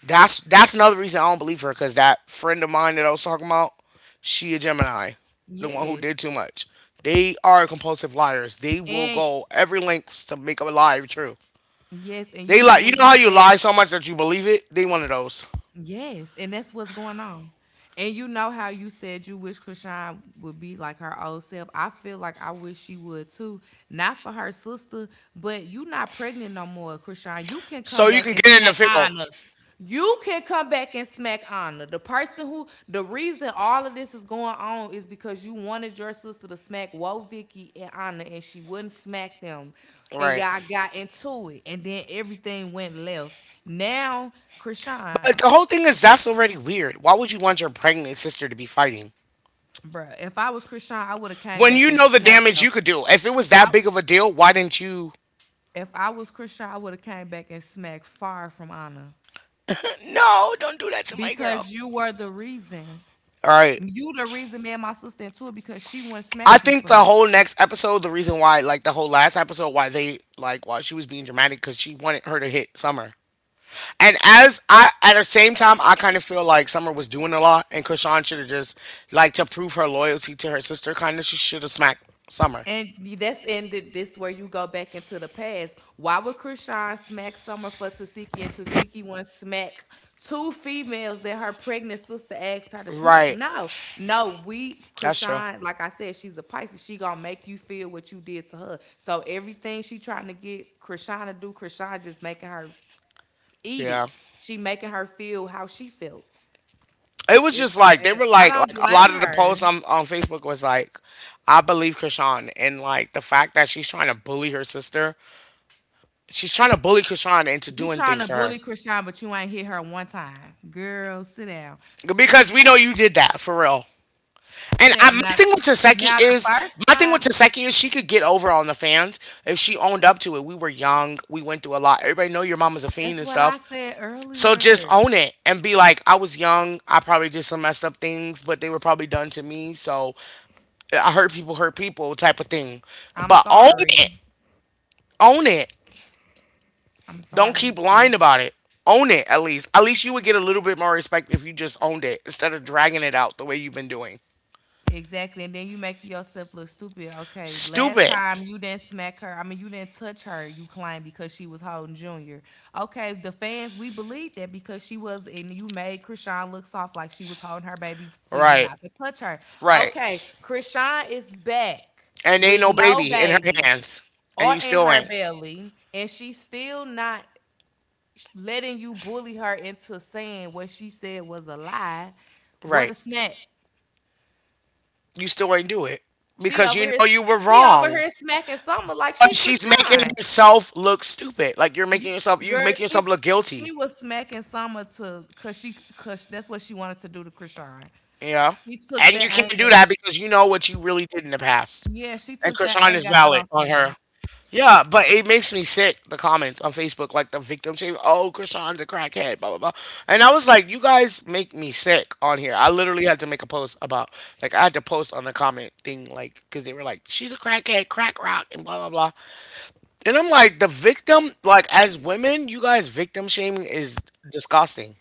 That's another reason I don't believe her. Cause that friend of mine that I was talking about, she a Gemini, the one who yes, did too much. They are compulsive liars. They will and go every length to make a lie true. yes, and you They lie. know You when know you how you said lie so much that you believe it. They one of those. yes, and that's what's going on. And you know how you said you wish Krishan would be like her old self. I feel like I wish she would too. Not for her sister, but you not pregnant no more, Krishan. You can come So you back can and get in the smack field, Anna. You can come back and smack Anna. The person who the reason all of this is going on is because you wanted your sister to smack Woe Vicky and Anna and she wouldn't smack them. And right? y'all got into it. And then everything went left. Now, Krishan. But the whole thing is that's already weird. Why would you want your pregnant sister to be fighting Bruh, if I was Christian, I would have came when back and you know the smacked her. damage you could do? If it was I, that big of a deal, why didn't you if I was Christian, I would have came back and smacked far from Anna no, don't do that to my girl. because you were the reason. All right. You the reason me and my sister into it because she wouldn't smack I you for think the me. whole next episode, the reason why, like the whole last episode, why they like why she was being dramatic because she wanted her to hit Summer. And as I at the same time, I kind of feel like Summer was doing a lot, and Krishan should have just like to prove her loyalty to her sister. Kind of, she should have smacked Summer. And that's ended this where you go back into the past. Why would Krishan smack Summer for Tasiki and Tasiki one smack two females that her pregnant sister asked her to smack? Right. No, no, we That's true. Krishan, like I said, she's a Pisces. She gonna make you feel what you did to her. So everything she trying to get Krishan to do, Krishan just making her eat it. Yeah. She making her feel how she felt. It was just like they And were I don't like a lot blame of the her. posts on Facebook was like, I believe Krishan and like the fact that she's trying to bully her sister. She's trying to bully Krishan into You doing trying to things to her bully Krishan, but you ain't hit her one time. Girl, sit down. because we know you did that for real. Sit And I, down. my Now, thing with Taseki now the is first my thing with time, Taseki is she could get over on the fans if she owned up to it. We were young, we went through a lot. Everybody know your mama's a fiend that's and what I stuff, said so just earlier. own it and be like, I was young, I probably did some messed up things, but they were probably done to me. So I hurt people, type of thing. I'm But own it, sorry. own it. I'm Don't sorry, keep lying sis. about it. Own it at least. At least you would get a little bit more respect if you just owned it instead of dragging it out the way you've been doing. Exactly. And then you make yourself look stupid. Okay. Last Stupid. time you didn't smack her. I mean, you didn't touch her, you claim, because she was holding Junior. Okay. The fans, we believe that because she was, and you made Krishan look soft like she was holding her baby for you Right. not to touch her. Right. Okay. Krishan is back And ain't with no no baby in her baby hands. And or you in still her ain't. belly, and she's still not letting you bully her into saying what she said was a lie. What Right. a smack. You still ain't do it. She Because over you here know you were she over wrong. here smacking Summer like But she she's making Krishan. herself look stupid. Like you're You making yourself you girl, making yourself she's look she guilty. was smacking Summer to cause she cause that's what she wanted to do to Krishan. You know? She took And you that can't anger. do that because you know what you really did in the past. Yeah, she And took that Krishan is anger out valid on on Summer. her. Yeah, but it makes me sick. The comments on Facebook, like the victim shame. Oh, Krishan's a crackhead. Blah blah blah. And I was like, you guys make me sick on here. I literally had to make a post about, like, I had to post on the comment thing, like, because they were like, she's a crackhead, crack rock, and blah blah blah. And I'm like, the victim, like, as women, you guys victim shaming is disgusting.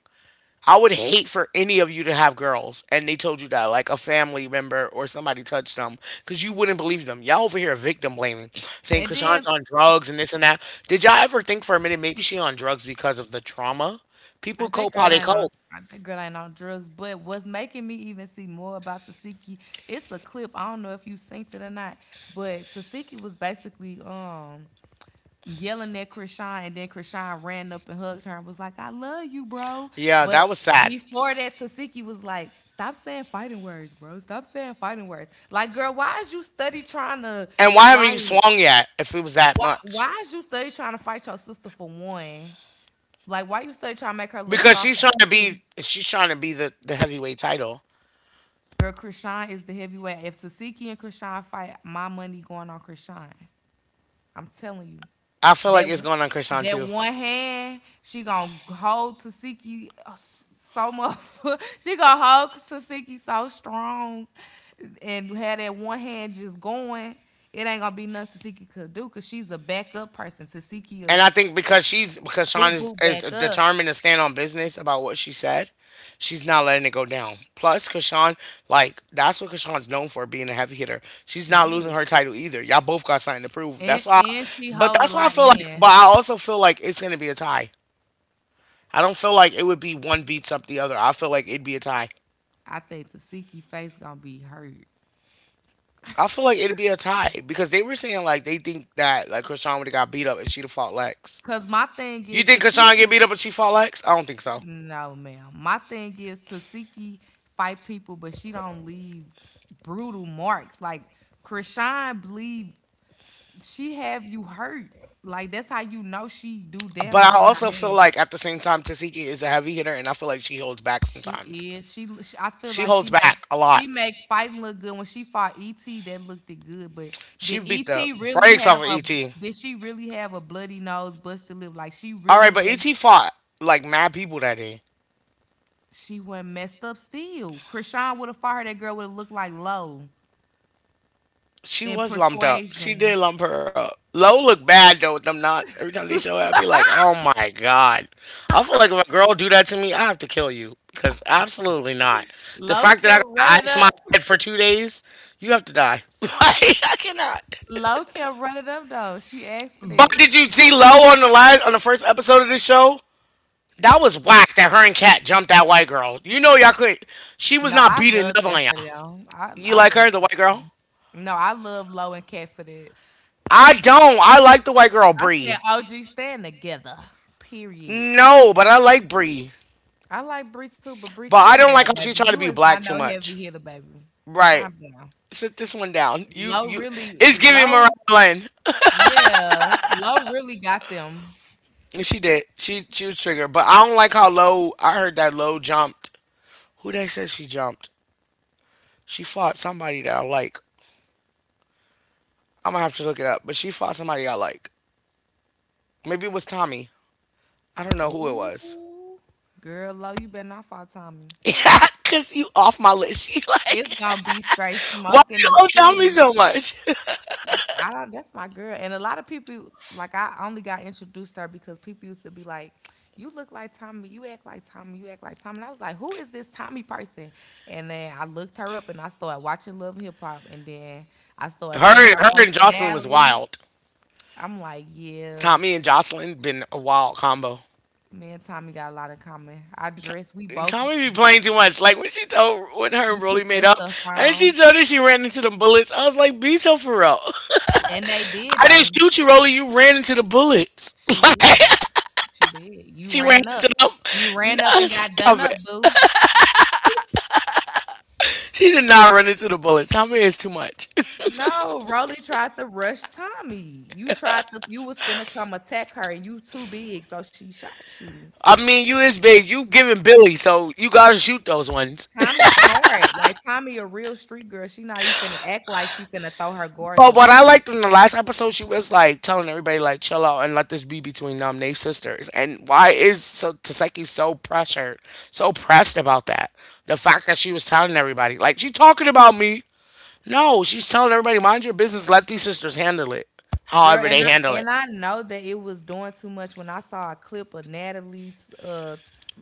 I would hate for any of you to have girls and they told you that, like a family member or somebody touched them, because you wouldn't believe them. Y'all over here victim blaming, saying And Krishan's then on drugs and this and that. Did y'all ever think for a minute maybe she on drugs because of the trauma? People I that cope how girl they ain't on cope. Drugs. But what's making me even see more about Tasiki, it's a clip. I don't know if you synced it or not, but Tasiki was basically yelling at Krishan and then Krishan ran up and hugged her and was like, I love you, bro. Yeah, But that was sad. before that, Tasiki was like, stop saying fighting words, bro. Stop saying fighting words. Like, girl, why is you study trying to And why haven't like you swung yet if it was that much? why is you study trying to fight your sister for one? Like, why you study trying to make her look Because soft she's for trying to be two? she's trying to be the heavyweight title. Girl, Krishan is the heavyweight. If Sasiki and Krishan fight, my money going on Krishan. I'm telling you. I feel like That it's going on Krishan that too. one hand, she gonna hold Tasiki so much. [laughs] she gonna hold Tasiki so strong and have that one hand just going. It ain't gonna be nothing Tasiki could do because she's a backup person. Tasiki And will I think because she's because boo Sean boo is back up. determined to stand on business about what she said, she's not letting it go down. Plus, Kashawn, like that's what Kashawn's known for, being a heavy hitter. She's not losing Yes. her title either. Y'all both got something to prove. And That's why, and she but hold a that's why I lot feel like. But in. I also feel like it's gonna be a tie. I don't feel like it would be one beats up the other. I feel like it'd be a tie. I think Tasiki face gonna be hurt. I feel like it'd be a tie because they were saying like they think that like Krishan would have got beat up and she'd have fought Lex. Cause my thing You is think Krishan get Tasiki, beat up and she fought Lex? I don't think so. no ma'am. My thing is Tasiki fight people, but she don't leave brutal marks. Like Krishan believe she have you hurt. Like that's how you know she do But damage I with her also feel hands. like at the same time, Tasiki is a heavy hitter, and I feel like she holds back She sometimes. is. She. I feel She like holds she make. back a lot. She make fighting look good when she fought ET. That looked it good, but She did beat the ET really brakes off have of a? ET. Did she really have a bloody nose, busted lip? Like she All really right, but was. ET fought like mad people that day. She went messed up still. Krishan would have fired that girl would have looked like Low in She was lumped up. She persuasion. did lump her up. Low look bad though with them knots. Every time they show up, I'd be like, oh my god. I feel like if a girl do that to me, I have to kill you. Cause absolutely not. The Low fact that I kept got to running ice up. my head for 2 days, you have to die. [laughs] like I cannot. Low kept running up though. She asked for But that. did you see Lo on the last on the first episode of this show? That was whack that her and Kat jumped that white girl. You know y'all could she was No, not I beating love nothing that on for y'all. them. You I like love her, the it. white girl? No, I love Low and Cat for that. I don't. I like the white girl, I said Bree. OG stand together. Period. No, but I like Bree. I like Bree too, but Bree, But I calm don't down, like how she baby. tried to You be is not black too no much. heavy hitter, baby. Right. Calm down. Sit this one down. You Low you really it's giving Mariah low. Lynn. Yeah, low really got them. And she did. She was triggered. But I don't like how low I heard that low jumped. Who they said she jumped? She fought somebody that I like. I'm gonna have to look it up. But she fought somebody I like. Maybe it was Tommy. I don't know who it was. [laughs] Ooh, girl, low, you better not fall, Tommy. Yeah, cause you off my list. [laughs] She like, It's gonna be straight [laughs] why smoke do in you the owe Tommy city. so much? [laughs] I don't, that's my girl. And a lot of people, like, I only got introduced to her because people used to be like, you look like Tommy, you act like Tommy, you act like Tommy. And I was like, who is this Tommy person? And then I looked her up and I started watching Love and Hip Hop. And then I started seeing Her, and- her her and Jocelyn was personality. wild. I'm like, yeah, Tommy and Jocelyn been a wild combo. me and Tommy got a lot in common. I dress, we T- both, Tommy be playing too much. Like when she told when her we and put Rolly made that up, stuff and she on. told her she ran into the bullets. I was like, be so for real. And they did I didn't though. shoot you, Rolly. You ran into the bullets. She [laughs] did though. She did. You She ran ran up. into You them. ran up and No, got done stop up, it. boo. She did not run into the bullets. How many is too much? No, Rolly tried to rush Tommy. You tried to you was finna come attack her and you too big, so she shot you. [laughs] I mean, you is big. You giving Billy, so you gotta shoot those ones. Tommy smart. Like Tommy a real street girl. She not even finna act like she finna throw her guards But up what with I you. liked in the last episode, she was like telling everybody like chill out and let this be between them, they sisters. And why is so Taseki so pressured, so pressed about that? The fact that she was telling everybody like she talking about me. No, she's telling everybody mind your business. Let these sisters handle it, Girl, however they handle it. and I know that it was doing too much when I saw a clip of Natalie, uh,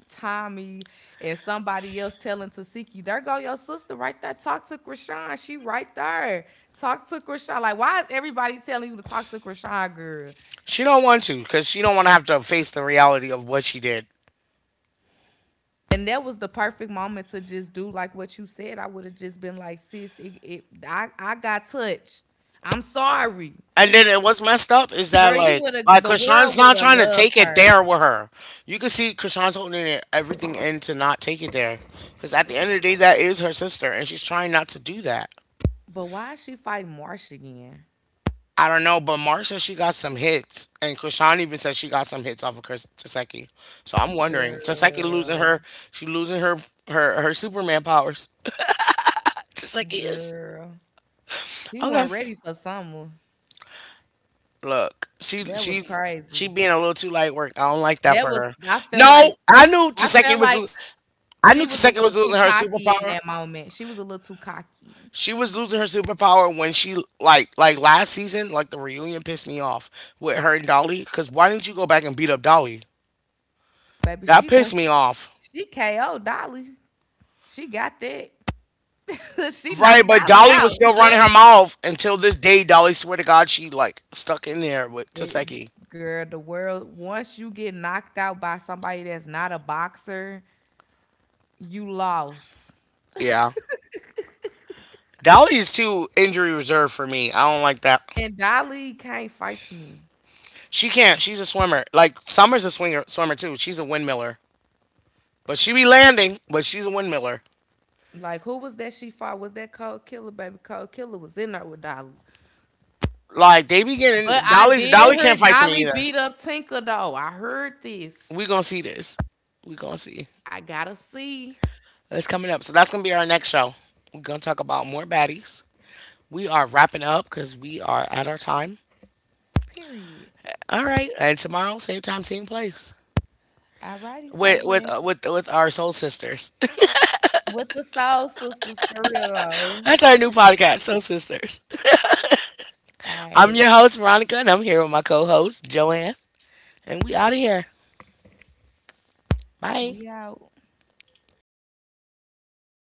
Tommy, and somebody else telling Tasiki, "There go your sister right there. Talk to Krishan. She right there. Talk to Krishan. Like, why is everybody telling you to talk to Krishan, girl? She don't want to because she don't want to have to face the reality of what she did. And that was the perfect moment to just do like what you said. I would have just been like, sis, it, I got touched. I'm sorry, And then it was messed up is that girl. You like would have. like The world Krishan's would not have trying to loved take it her. there with her. You can see Krishan's holding it, everything in to not take it there. Because at the end of the day, that is her sister, and she's trying not to do that. But why is she fighting Marsh again? I don't know, but Mark says she got some hits, and Krishan even said she got some hits off of Chris Taseki. So I'm wondering, Taseki losing Girl, her, she losing her Superman powers. [laughs] Taseki is girl. She okay. wasn't ready for summer. Look, she That was she she crazy. being a little too light work. I don't like that That for was her. I felt No, like I knew I Taseki felt was. like sh- I she knew was a Taseka little was too losing her cocky in superpower. that moment. She was a little too cocky. She was losing her superpower when she like last season, like the reunion pissed me off with her and Dolly. Cause why didn't you go back and beat up Dolly? Baby, That pissed me off. she KO'd Dolly. She got that. [laughs] she Right, knocked but Dolly Dolly was out. still running [laughs] her mouth until this day. Dolly swear to God she like stuck in there with It- Taseki. girl, the world once you get knocked out by somebody that's not a boxer, you lost. Yeah. Dolly is too injury reserved for me. I don't like that. And Dolly can't fight to me. She can't. She's a swimmer. Like Summer's a swinger swimmer too. She's a windmiller. But she be landing, but she's a windmiller. Like who was that she fought? Was that Cold Killer, baby? Cold Killer was in there with Dolly. Like they be But getting I Dolly. did Dolly hear can't fight to me Dolly either. beat up Tinker though. I heard this. We gonna see this. We gonna see. I gotta see. It's coming up. So that's gonna be our next show. We're gonna talk about more baddies. We are wrapping up because we are at our time. Period. All right, and tomorrow same time, same place Alrighty, say with with uh, less. with with our soul sisters. With the soul sisters for real [laughs] though. that's our new podcast, Soul Sisters. I'm Alright. your host Veronica, and I'm here with my co-host Joanne, and we out of here. Bye. We out.